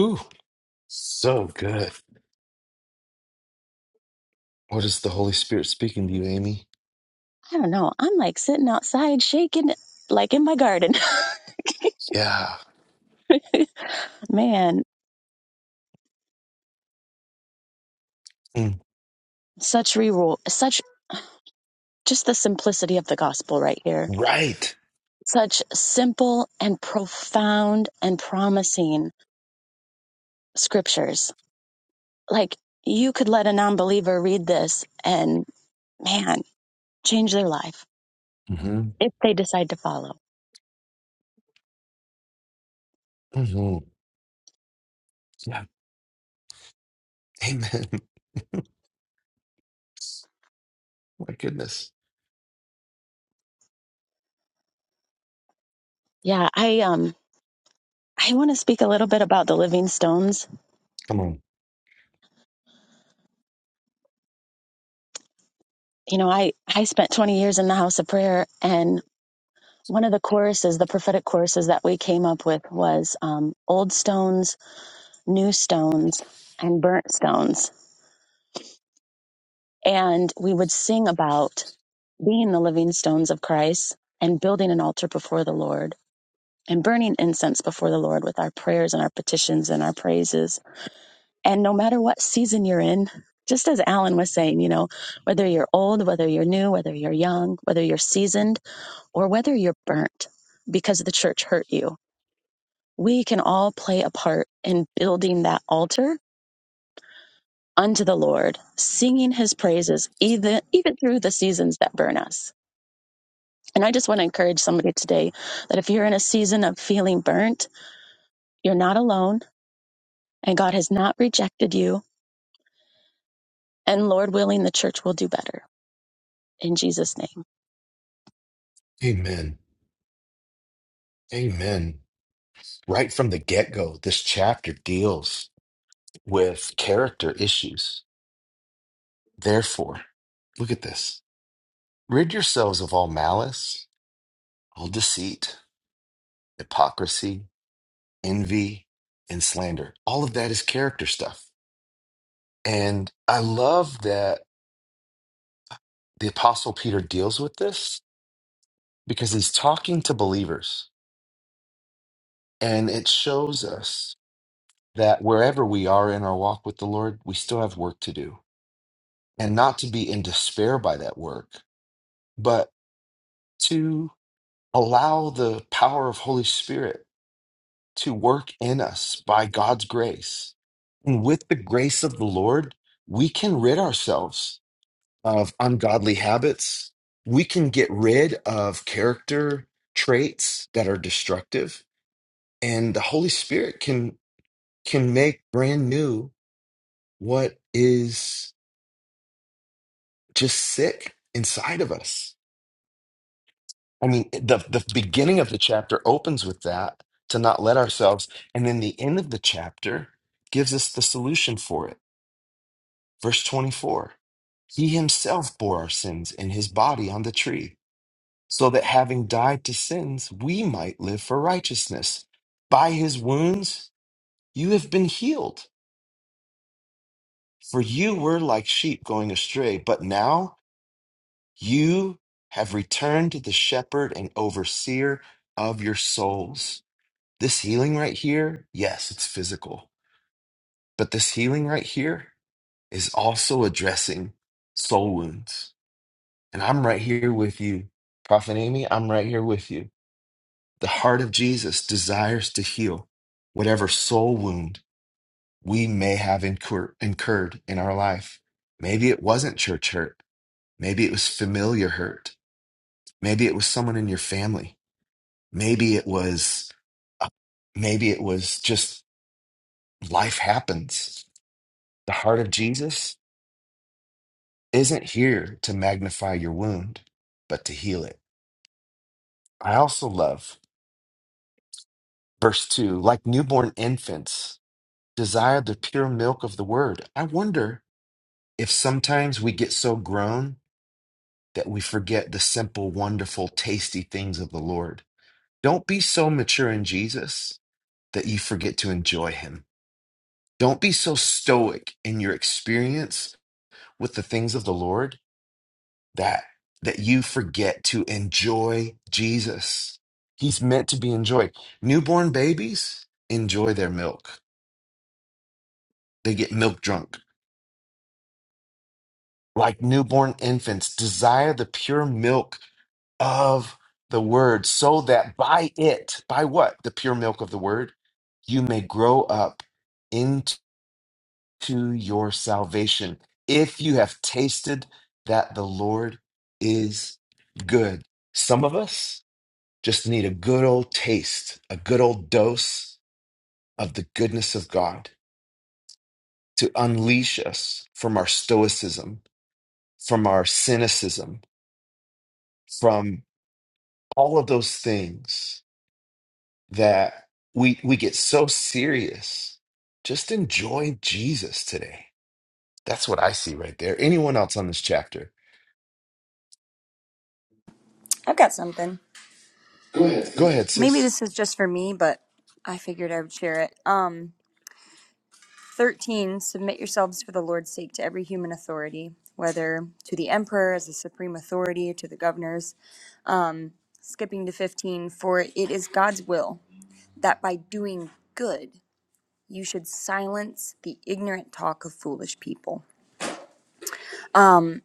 S1: Ooh. So good. What is the Holy Spirit speaking to you, Amy?
S9: I don't know. I'm like sitting outside shaking like in my garden.
S1: Yeah.
S9: Man,
S1: Mm.
S9: such reroll, such just the simplicity of the gospel right here.
S1: Right.
S9: Such simple and profound and promising scriptures. Like you could let a non believer read this and man, change their life
S1: hmm
S9: if they decide to follow.
S1: hmm Yeah. Amen. My goodness.
S9: Yeah, I um I want to speak a little bit about the Living Stones.
S1: Come on.
S9: You know, I I spent 20 years in the House of Prayer and one of the choruses, the prophetic choruses that we came up with was um, old stones, new stones, and burnt stones. And we would sing about being the living stones of Christ and building an altar before the Lord and burning incense before the Lord with our prayers and our petitions and our praises. And no matter what season you're in, just as Alan was saying, you know, whether you're old, whether you're new, whether you're young, whether you're seasoned, or whether you're burnt because the church hurt you, we can all play a part in building that altar unto the Lord, singing his praises, even, even through the seasons that burn us. And I just want to encourage somebody today that if you're in a season of feeling burnt, you're not alone and God has not rejected you. And Lord willing, the church will do better in Jesus' name.
S1: Amen. Amen. Right from the get go, this chapter deals with character issues. Therefore, look at this rid yourselves of all malice, all deceit, hypocrisy, envy, and slander. All of that is character stuff. And I love that the apostle peter deals with this because he's talking to believers and it shows us that wherever we are in our walk with the lord we still have work to do and not to be in despair by that work but to allow the power of holy spirit to work in us by god's grace and with the grace of the lord we can rid ourselves of ungodly habits we can get rid of character traits that are destructive and the holy spirit can can make brand new what is just sick inside of us i mean the the beginning of the chapter opens with that to not let ourselves and then the end of the chapter gives us the solution for it verse 24 he himself bore our sins in his body on the tree so that having died to sins we might live for righteousness by his wounds you have been healed For you were like sheep going astray, but now you have returned to the shepherd and overseer of your souls. This healing right here, yes, it's physical, but this healing right here is also addressing soul wounds. And I'm right here with you, Prophet Amy. I'm right here with you. The heart of Jesus desires to heal whatever soul wound we may have incur- incurred in our life. Maybe it wasn't church hurt. Maybe it was familiar hurt. Maybe it was someone in your family. Maybe it was, uh, maybe it was just life happens. The heart of Jesus isn't here to magnify your wound, but to heal it. I also love verse two, like newborn infants desire the pure milk of the word. I wonder if sometimes we get so grown that we forget the simple, wonderful, tasty things of the Lord. Don't be so mature in Jesus that you forget to enjoy Him. Don't be so stoic in your experience with the things of the Lord that that you forget to enjoy Jesus. He's meant to be enjoyed. Newborn babies enjoy their milk. They get milk drunk. Like newborn infants, desire the pure milk of the word so that by it, by what? The pure milk of the word, you may grow up to your salvation if you have tasted that the Lord is good. Some of us just need a good old taste, a good old dose of the goodness of God to unleash us from our stoicism, from our cynicism, from all of those things that we we get so serious. Just enjoy Jesus today. That's what I see right there. Anyone else on this chapter?
S10: I've got something.
S1: Go ahead,
S10: Maybe
S1: sis.
S10: this is just for me, but I figured I would share it. Um, 13, submit yourselves for the Lord's sake to every human authority, whether to the emperor as the supreme authority, to the governors. Um, skipping to 15, for it is God's will that by doing good, you should silence the ignorant talk of foolish people. Um,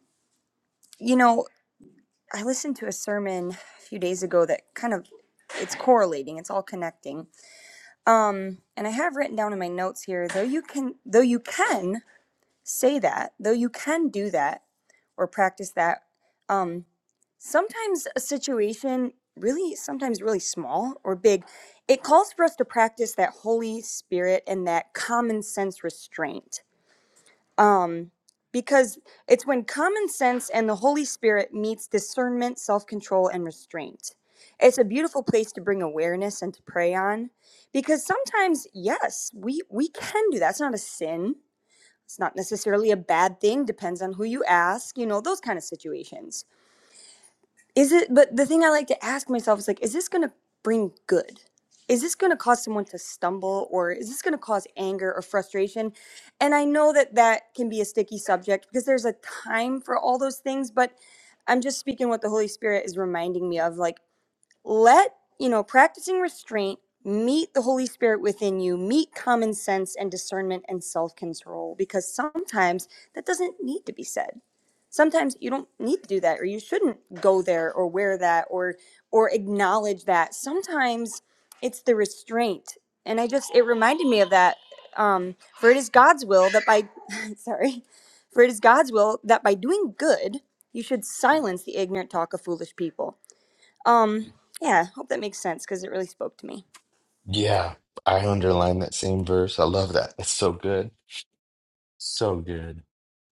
S10: you know, I listened to a sermon a few days ago that kind of it's correlating, it's all connecting. Um, and I have written down in my notes here, though you can though you can say that, though you can do that or practice that, um, sometimes a situation really sometimes really small or big, it calls for us to practice that Holy Spirit and that common sense restraint um, because it's when common sense and the Holy Spirit meets discernment, self control, and restraint. It's a beautiful place to bring awareness and to pray on, because sometimes, yes, we we can do that. It's not a sin. It's not necessarily a bad thing. Depends on who you ask. You know those kind of situations is it but the thing i like to ask myself is like is this going to bring good is this going to cause someone to stumble or is this going to cause anger or frustration and i know that that can be a sticky subject because there's a time for all those things but i'm just speaking what the holy spirit is reminding me of like let you know practicing restraint meet the holy spirit within you meet common sense and discernment and self-control because sometimes that doesn't need to be said sometimes you don't need to do that or you shouldn't go there or wear that or or acknowledge that sometimes it's the restraint and i just it reminded me of that um for it is god's will that by sorry for it is god's will that by doing good you should silence the ignorant talk of foolish people um, yeah, hope that makes sense because it really spoke to me.
S1: Yeah, I underline that same verse. I love that. It's so good. So good.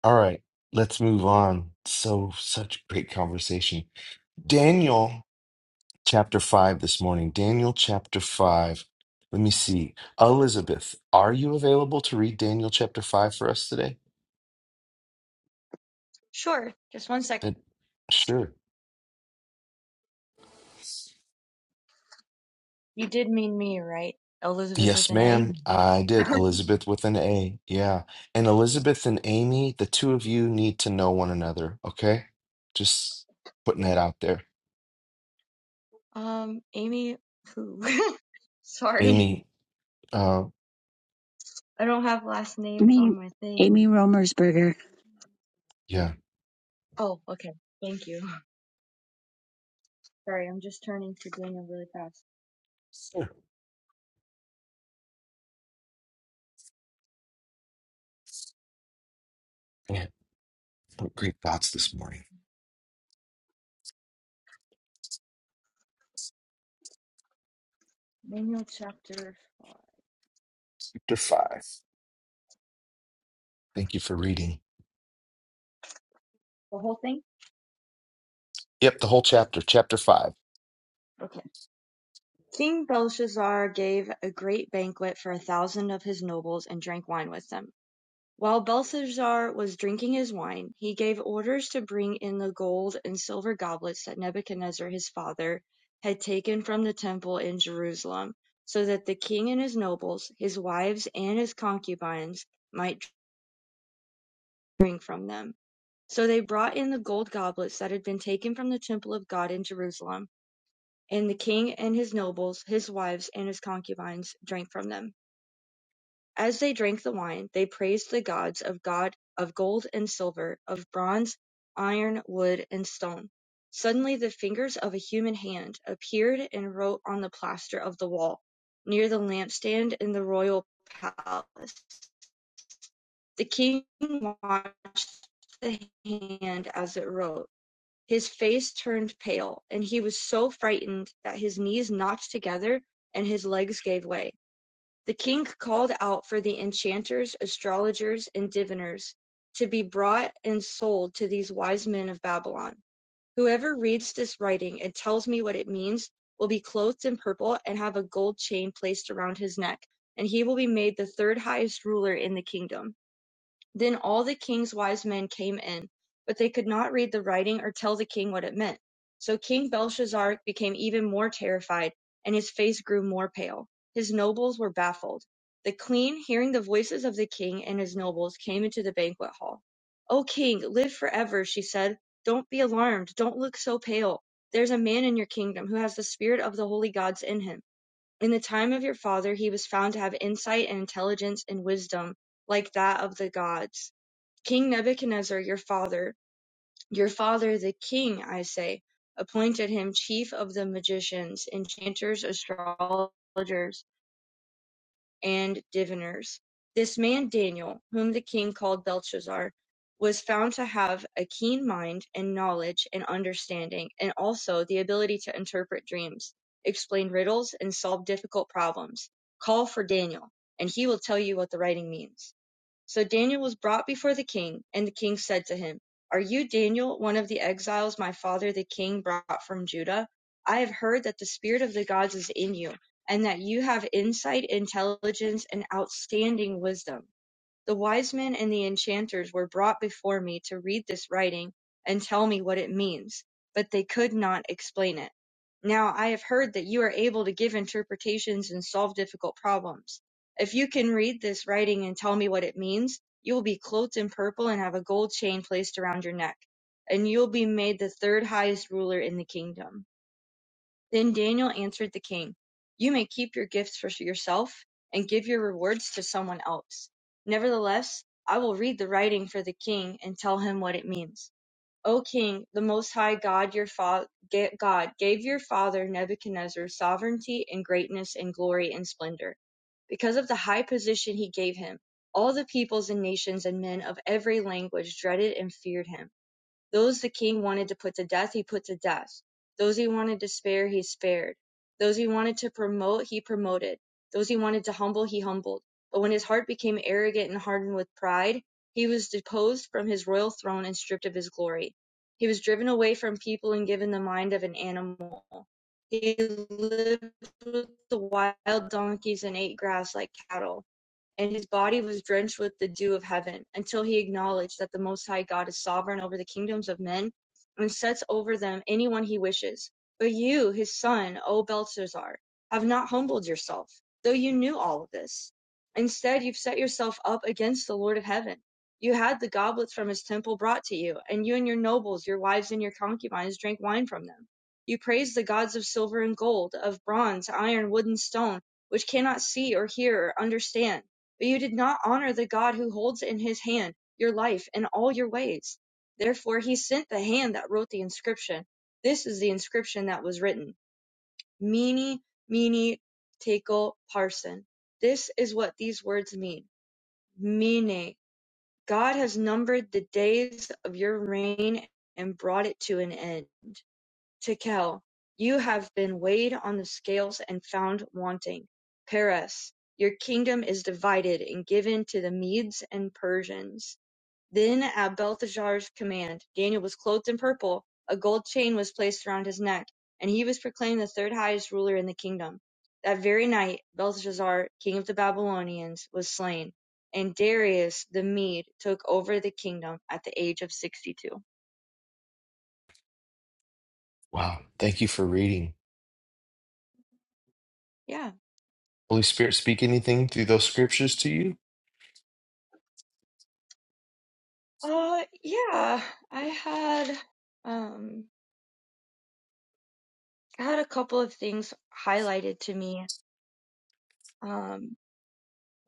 S1: All right, let's move on. So, such great conversation. Daniel chapter 5 this morning. Daniel chapter 5. Let me see. Elizabeth, are you available to read Daniel chapter 5 for us today?
S7: Sure. Just one second.
S1: That, sure.
S7: You did mean me, right? Elizabeth with
S1: Yes,
S7: an A.
S1: ma'am. I did. Elizabeth with an A. Yeah. And Elizabeth and Amy, the two of you need to know one another, okay? Just putting that out there.
S7: Um, Amy, who? Sorry,
S1: Amy, uh,
S7: I don't have last names
S9: Me,
S7: on my
S9: Amy
S7: thing.
S9: Romersberger.
S1: yeah,
S7: Oh, okay. Thank you. Sorry, I'm just turning to Daniel really fast.
S1: Sure. yeah, what great thoughts this morning.
S7: Daniel chapter 5.
S1: Chapter five. Thank you for reading.
S7: The whole thing?
S1: Yep, the whole chapter, chapter five.
S7: Okay. King Belshazzar gave a great banquet for a thousand of his nobles and drank wine with them. While Belshazzar was drinking his wine, he gave orders to bring in the gold and silver goblets that Nebuchadnezzar his father had taken from the temple in Jerusalem, so that the king and his nobles, his wives, and his concubines might drink from them. So they brought in the gold goblets that had been taken from the temple of God in Jerusalem, and the king and his nobles, his wives, and his concubines drank from them. As they drank the wine, they praised the gods of God of gold and silver, of bronze, iron, wood, and stone. Suddenly the fingers of a human hand appeared and wrote on the plaster of the wall, near the lampstand in the royal palace. The king watched the hand as it wrote. His face turned pale, and he was so frightened that his knees knocked together and his legs gave way. The king called out for the enchanters, astrologers, and diviners to be brought and sold to these wise men of Babylon. Whoever reads this writing and tells me what it means will be clothed in purple and have a gold chain placed around his neck, and he will be made the third highest ruler in the kingdom. Then all the king's wise men came in, but they could not read the writing or tell the king what it meant. So King Belshazzar became even more terrified, and his face grew more pale. His nobles were baffled. The queen, hearing the voices of the king and his nobles, came into the banquet hall. O king, live forever, she said. Don't be alarmed. Don't look so pale. There's a man in your kingdom who has the spirit of the holy gods in him. In the time of your father, he was found to have insight and intelligence and wisdom like that of the gods King Nebuchadnezzar, your father, your father the king, I say, appointed him chief of the magicians, enchanters, astrologers, and diviners. This man Daniel, whom the king called Belshazzar, was found to have a keen mind and knowledge and understanding, and also the ability to interpret dreams, explain riddles, and solve difficult problems. Call for Daniel, and he will tell you what the writing means. So Daniel was brought before the king, and the king said to him, Are you Daniel, one of the exiles my father the king brought from Judah? I have heard that the spirit of the gods is in you, and that you have insight, intelligence, and outstanding wisdom. The wise men and the enchanters were brought before me to read this writing and tell me what it means, but they could not explain it. Now I have heard that you are able to give interpretations and solve difficult problems. If you can read this writing and tell me what it means, you will be clothed in purple and have a gold chain placed around your neck, and you will be made the third highest ruler in the kingdom. Then Daniel answered the king, You may keep your gifts for yourself and give your rewards to someone else. Nevertheless, I will read the writing for the king and tell him what it means. O king, the most high God your fa- God gave your father Nebuchadnezzar sovereignty and greatness and glory and splendor. Because of the high position he gave him, all the peoples and nations and men of every language dreaded and feared him. Those the king wanted to put to death, he put to death. Those he wanted to spare, he spared. Those he wanted to promote, he promoted. Those he wanted to humble, he humbled. But when his heart became arrogant and hardened with pride, he was deposed from his royal throne and stripped of his glory. He was driven away from people and given the mind of an animal. He lived with the wild donkeys and ate grass like cattle and his body was drenched with the dew of heaven, until he acknowledged that the Most High God is sovereign over the kingdoms of men, and sets over them anyone he wishes. But you, his son, O Belshazzar, have not humbled yourself, though you knew all of this. Instead, you've set yourself up against the Lord of heaven. You had the goblets from his temple brought to you, and you and your nobles, your wives, and your concubines drank wine from them. You praised the gods of silver and gold, of bronze, iron, wood, and stone, which cannot see or hear or understand but you did not honor the God who holds in his hand your life and all your ways. Therefore, he sent the hand that wrote the inscription. This is the inscription that was written Mini, mini, tekel, parson. This is what these words mean. Mene. God has numbered the days of your reign and brought it to an end. Tekel, you have been weighed on the scales and found wanting. Paras, your kingdom is divided and given to the Medes and Persians. Then, at Belteshazzar's command, Daniel was clothed in purple, a gold chain was placed around his neck, and he was proclaimed the third highest ruler in the kingdom. That very night, Belteshazzar, king of the Babylonians, was slain, and Darius the Mede took over the kingdom at the age of 62.
S1: Wow, thank you for reading.
S7: Yeah.
S1: Holy Spirit, speak anything through those scriptures to you?
S7: Uh, yeah, I had um I had a couple of things highlighted to me. Um,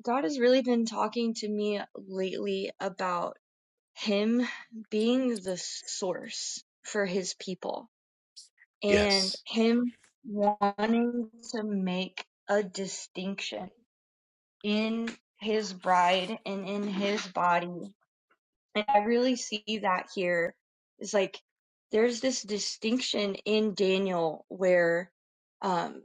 S7: God has really been talking to me lately about him being the source for his people and
S1: Yes.
S7: him wanting to make a distinction in his bride and in his body And I really see that here is like there's this distinction in Daniel where um,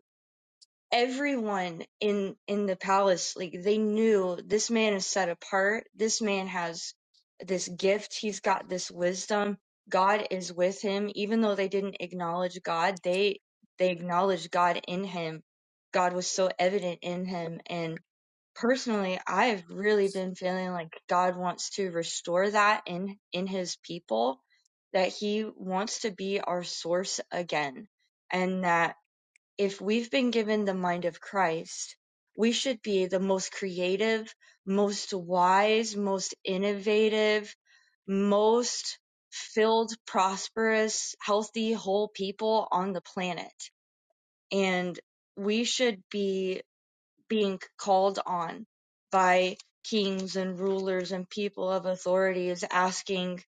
S7: everyone in in the palace like they knew this man is set apart this man has this gift he's got this wisdom god is with him even though they didn't acknowledge god they they acknowledged god in him god was so evident in him and personally i've really been feeling like god wants to restore that in in his people that he wants to be our source again and that if we've been given the mind of Christ, we should be the most creative, most wise, most innovative, most filled, prosperous, healthy, whole people on the planet. And we should be being called on by kings and rulers and people of authorities asking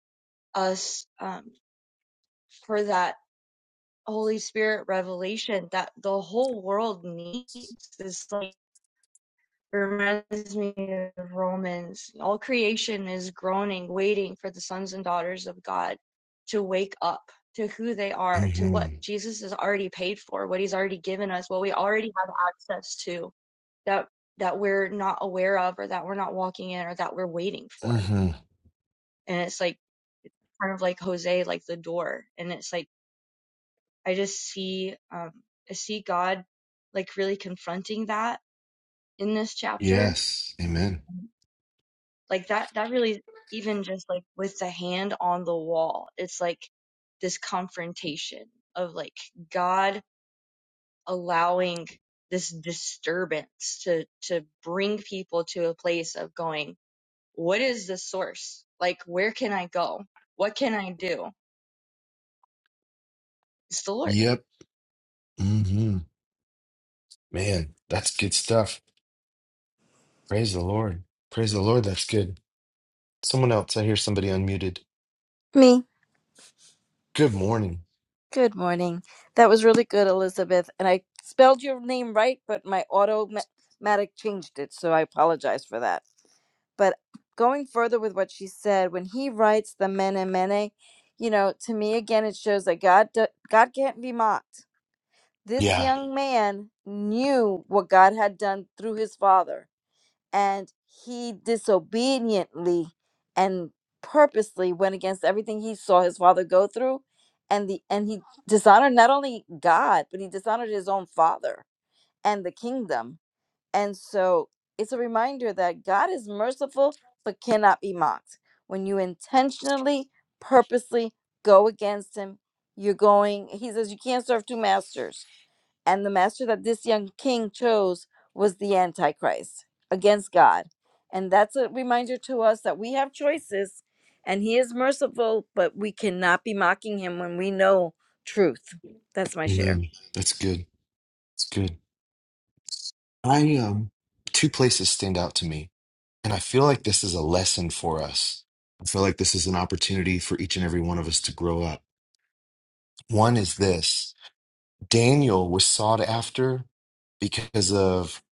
S7: us um, for that Holy Spirit revelation that the whole world needs. This like reminds me of Romans. All creation is groaning, waiting for the sons and daughters of God to wake up to who they are, to what
S1: hmm
S7: Jesus has already paid for, what he's already given us, what we already have access to that that we're not aware of or that we're not walking in or that we're waiting for.
S1: hmm
S7: And it's like kind of like Jose, like the door. And it's like I just see um, I see God like really confronting that in this chapter.
S1: Yes. Amen.
S7: Like that that really even just like with the hand on the wall, it's like this confrontation of like God allowing this disturbance to to bring people to a place of going, what is the source? Like where can I go? What can I do? It's the Lord
S1: Yep. hmm Man, that's good stuff. Praise the Lord. Praise the Lord. That's good. Someone else, I hear somebody unmuted.
S11: Me.
S1: Good morning.
S11: Good morning. That was really good, Elizabeth. And I spelled your name right, but my automatic changed it, so I apologize for that. But going further with what she said, when he writes the mene mene, you know, to me again, it shows that God do- God can't be mocked. This
S1: Yeah.
S11: young man knew what God had done through his father and he disobediently and purposely went against everything he saw his father go through and the and he dishonored not only God but he dishonored his own father and the kingdom and so it's a reminder that God is merciful but cannot be mocked when you intentionally purposely go against him you're going he says you can't serve two masters and the master that this young king chose was the antichrist against god and that's a reminder to us that we have choices and he is merciful but we cannot be mocking him when we know truth that's my share
S1: Amen. That's good. It's good. I um two places stand out to me, and I feel like this is a lesson for us. I feel like this is an opportunity for each and every one of us to grow up. One is this. Daniel was sought after because of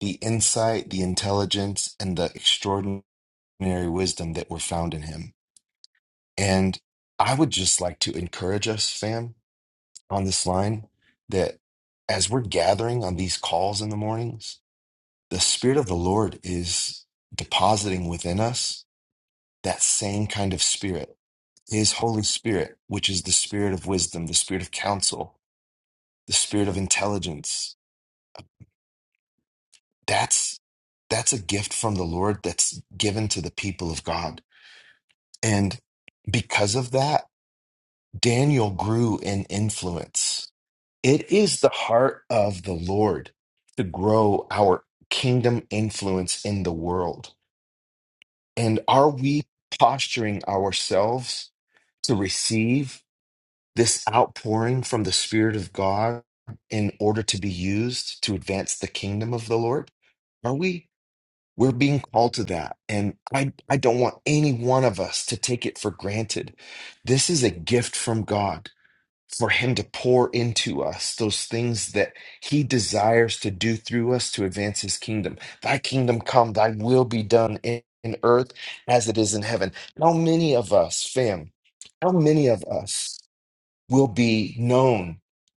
S1: the insight, the intelligence, and the extraordinary wisdom that were found in him. And I would just like to encourage us, fam, on this line that as we're gathering on these calls in the mornings, the spirit of the lord is depositing within us that same kind of spirit his holy spirit which is the spirit of wisdom the spirit of counsel the spirit of intelligence that's that's a gift from the lord that's given to the people of god and because of that daniel grew in influence it is the heart of the lord to grow our kingdom influence in the world And are we posturing ourselves to receive this outpouring from the Spirit of God in order to be used to advance the kingdom of the Lord? Are we? We're being called to that. And I, I don't want any one of us to take it for granted. This is a gift from God for him to pour into us those things that he desires to do through us to advance his kingdom. Thy kingdom come, thy will be done in, in earth as it is in heaven. How many of us, fam, how many of us will be known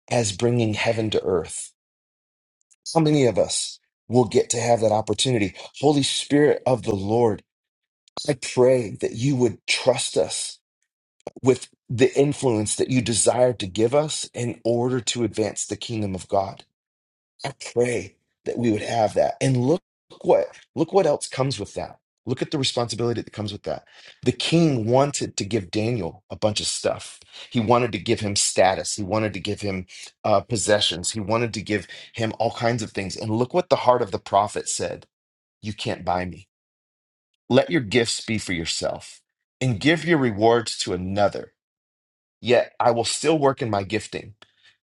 S1: as bringing heaven to earth? How many of us will get to have that opportunity? Holy Spirit of the Lord, I pray that you would trust us with the influence that you desire to give us in order to advance the kingdom of God. I pray that we would have that. And look what look what else comes with that. Look at the responsibility that comes with that. The king wanted to give Daniel a bunch of stuff. He wanted to give him status. He wanted to give him uh, possessions. He wanted to give him all kinds of things. And look what the heart of the prophet said You can't buy me. Let your gifts be for yourself and give your rewards to another yet I will still work in my gifting.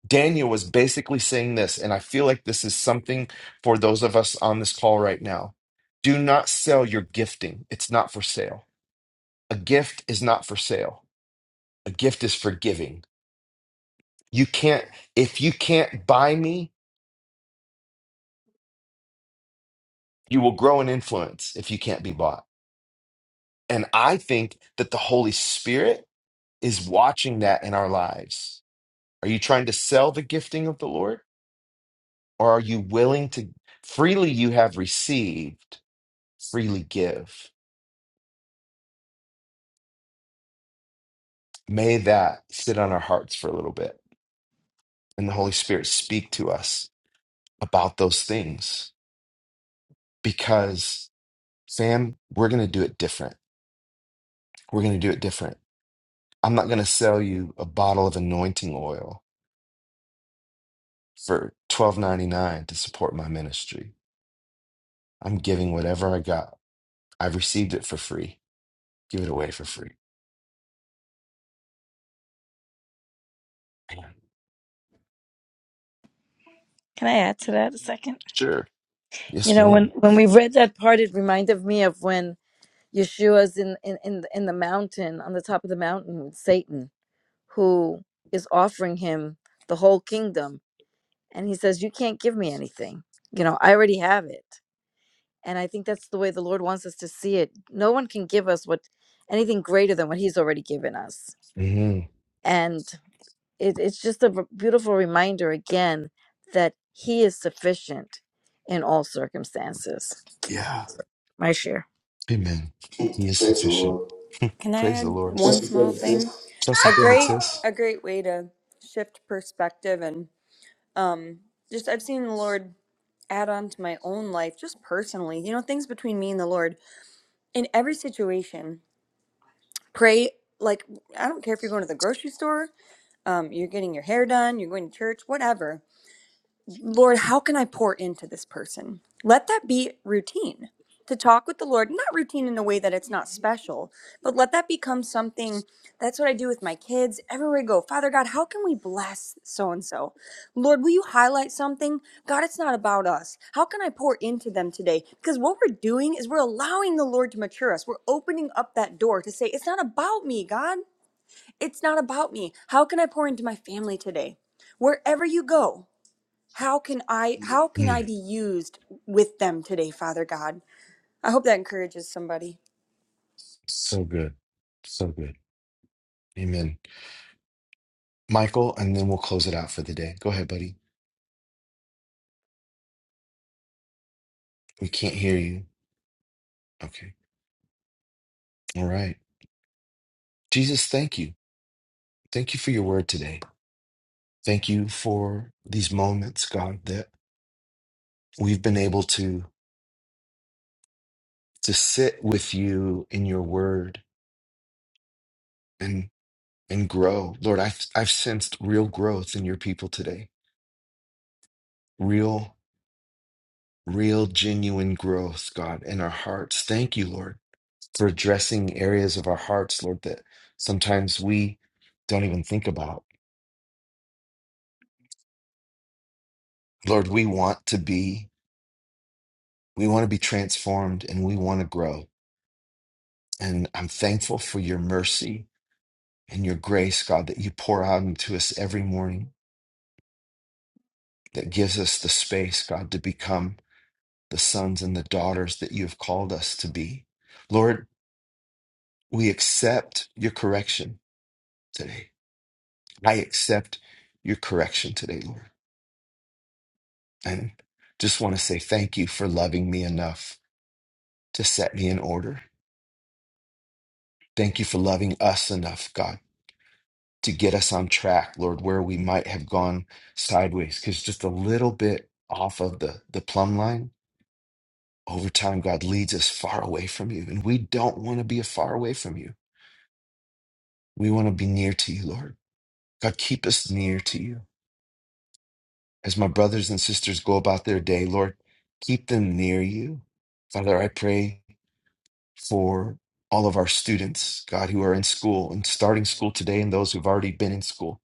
S1: Daniel was basically saying this, and I feel like this is something for those of us on this call right now. Do not sell your gifting, it's not for sale. A gift is not for sale, a gift is for giving. You can't, if you can't buy me, you will grow in influence if you can't be bought. And I think that the Holy Spirit is watching that in our lives. Are you trying to sell the gifting of the Lord? Or are you willing to freely you have received, freely give? May that sit on our hearts for a little bit and the Holy Spirit speak to us about those things because, fam, we're going to do it different. We're going to do it different. I'm not going to sell you a bottle of anointing oil for twelve ninety nine to support my ministry. I'm giving whatever I got. I've received it for free. Give it away for free. Man,
S11: Can I add to that a second?
S1: Sure.
S11: You
S1: Yes,
S11: know, when
S1: madam
S11: when we read that part, it reminded me of when Yeshua's in in in, the- in the mountain on the top of the mountain with Satan, who is offering him the whole kingdom, and he says, "You can't give me anything. You know, I already have it." And I think that's the way the Lord wants us to see it. No one can give us what anything greater than what He's already given us,
S1: hmm
S11: and it, it's just a b- beautiful reminder again that He is sufficient in all circumstances.
S1: Yeah.
S11: My share.
S1: Amen. He is
S10: Praise the
S1: sufficient.
S10: Lord.
S1: Praise the
S10: add
S1: Lord.
S10: one Just small because thing. this.
S1: Chelsea,
S10: A
S1: go ahead,
S10: great
S1: sis.
S10: a great way to shift perspective and um just I've seen the Lord add on to my own life just personally. You know, things between me and the Lord in every situation. Pray like I don't care if you're going to the grocery store, um you're getting your hair done, you're going to church, whatever. Lord, how can I pour into this person? Let that be routine to talk with the Lord, not routine in a way that it's not special, but let that become something. That's what I do with my kids everywhere I go. Father God, how can we bless so and so? Lord, will you highlight something? God, it's not about us. How can I pour into them today? Because what we're doing is we're allowing the Lord to mature us. We're opening up that door to say, It's not about me, God. It's not about me. How can I pour into my family today? Wherever you go, how can i how can i
S1: Mm,
S10: be used with them today father god i hope that encourages somebody
S1: so good. So good. Amen. Michael, and then we'll close it out for the day. Go ahead, buddy. We can't hear you. Okay. All right. Jesus, thank you. Thank you for your word today. Thank you for these moments, God, that we've been able to to sit with you in your word and and grow. Lord, I've I've sensed real growth in your people today. Real real, genuine growth, God, in our hearts. Thank you, Lord, for addressing areas of our hearts, Lord, that sometimes we don't even think about. Lord, we want to be, we want to be transformed and we want to grow. And I'm thankful for your mercy and your grace, God, that you pour out into us every morning, that gives us the space, God, to become the sons and the daughters that you have called us to be. Lord, we accept your correction today. I accept your correction today, Lord. And just want to say thank you for loving me enough to set me in order. Thank you for loving us enough, God, to get us on track, Lord, where we might have gone sideways. Because just a little bit off of the, the plumb line, over time, God leads us far away from you. And we don't want to be far away from you. We want to be near to you, Lord. God, keep us near to you. As my brothers and sisters go about their day, Lord, keep them near you. Father, I pray for all of our students, God, who are in school and starting school today and those who've already been in school.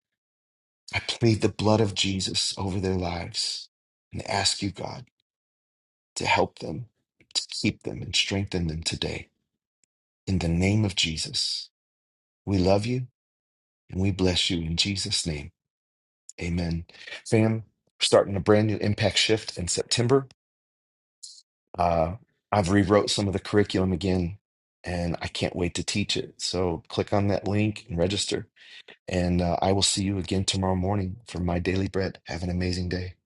S1: I plead the blood of Jesus over their lives and ask you, God, to help them, to keep them and strengthen them today. In the name of Jesus, we love you and we bless you in Jesus' name. Amen. Fam, we're starting a brand new impact shift in September. Uh, I've rewrote some of the curriculum again, and I can't wait to teach it. So click on that link and register. And uh, I will see you again tomorrow morning for my daily bread. Have an amazing day.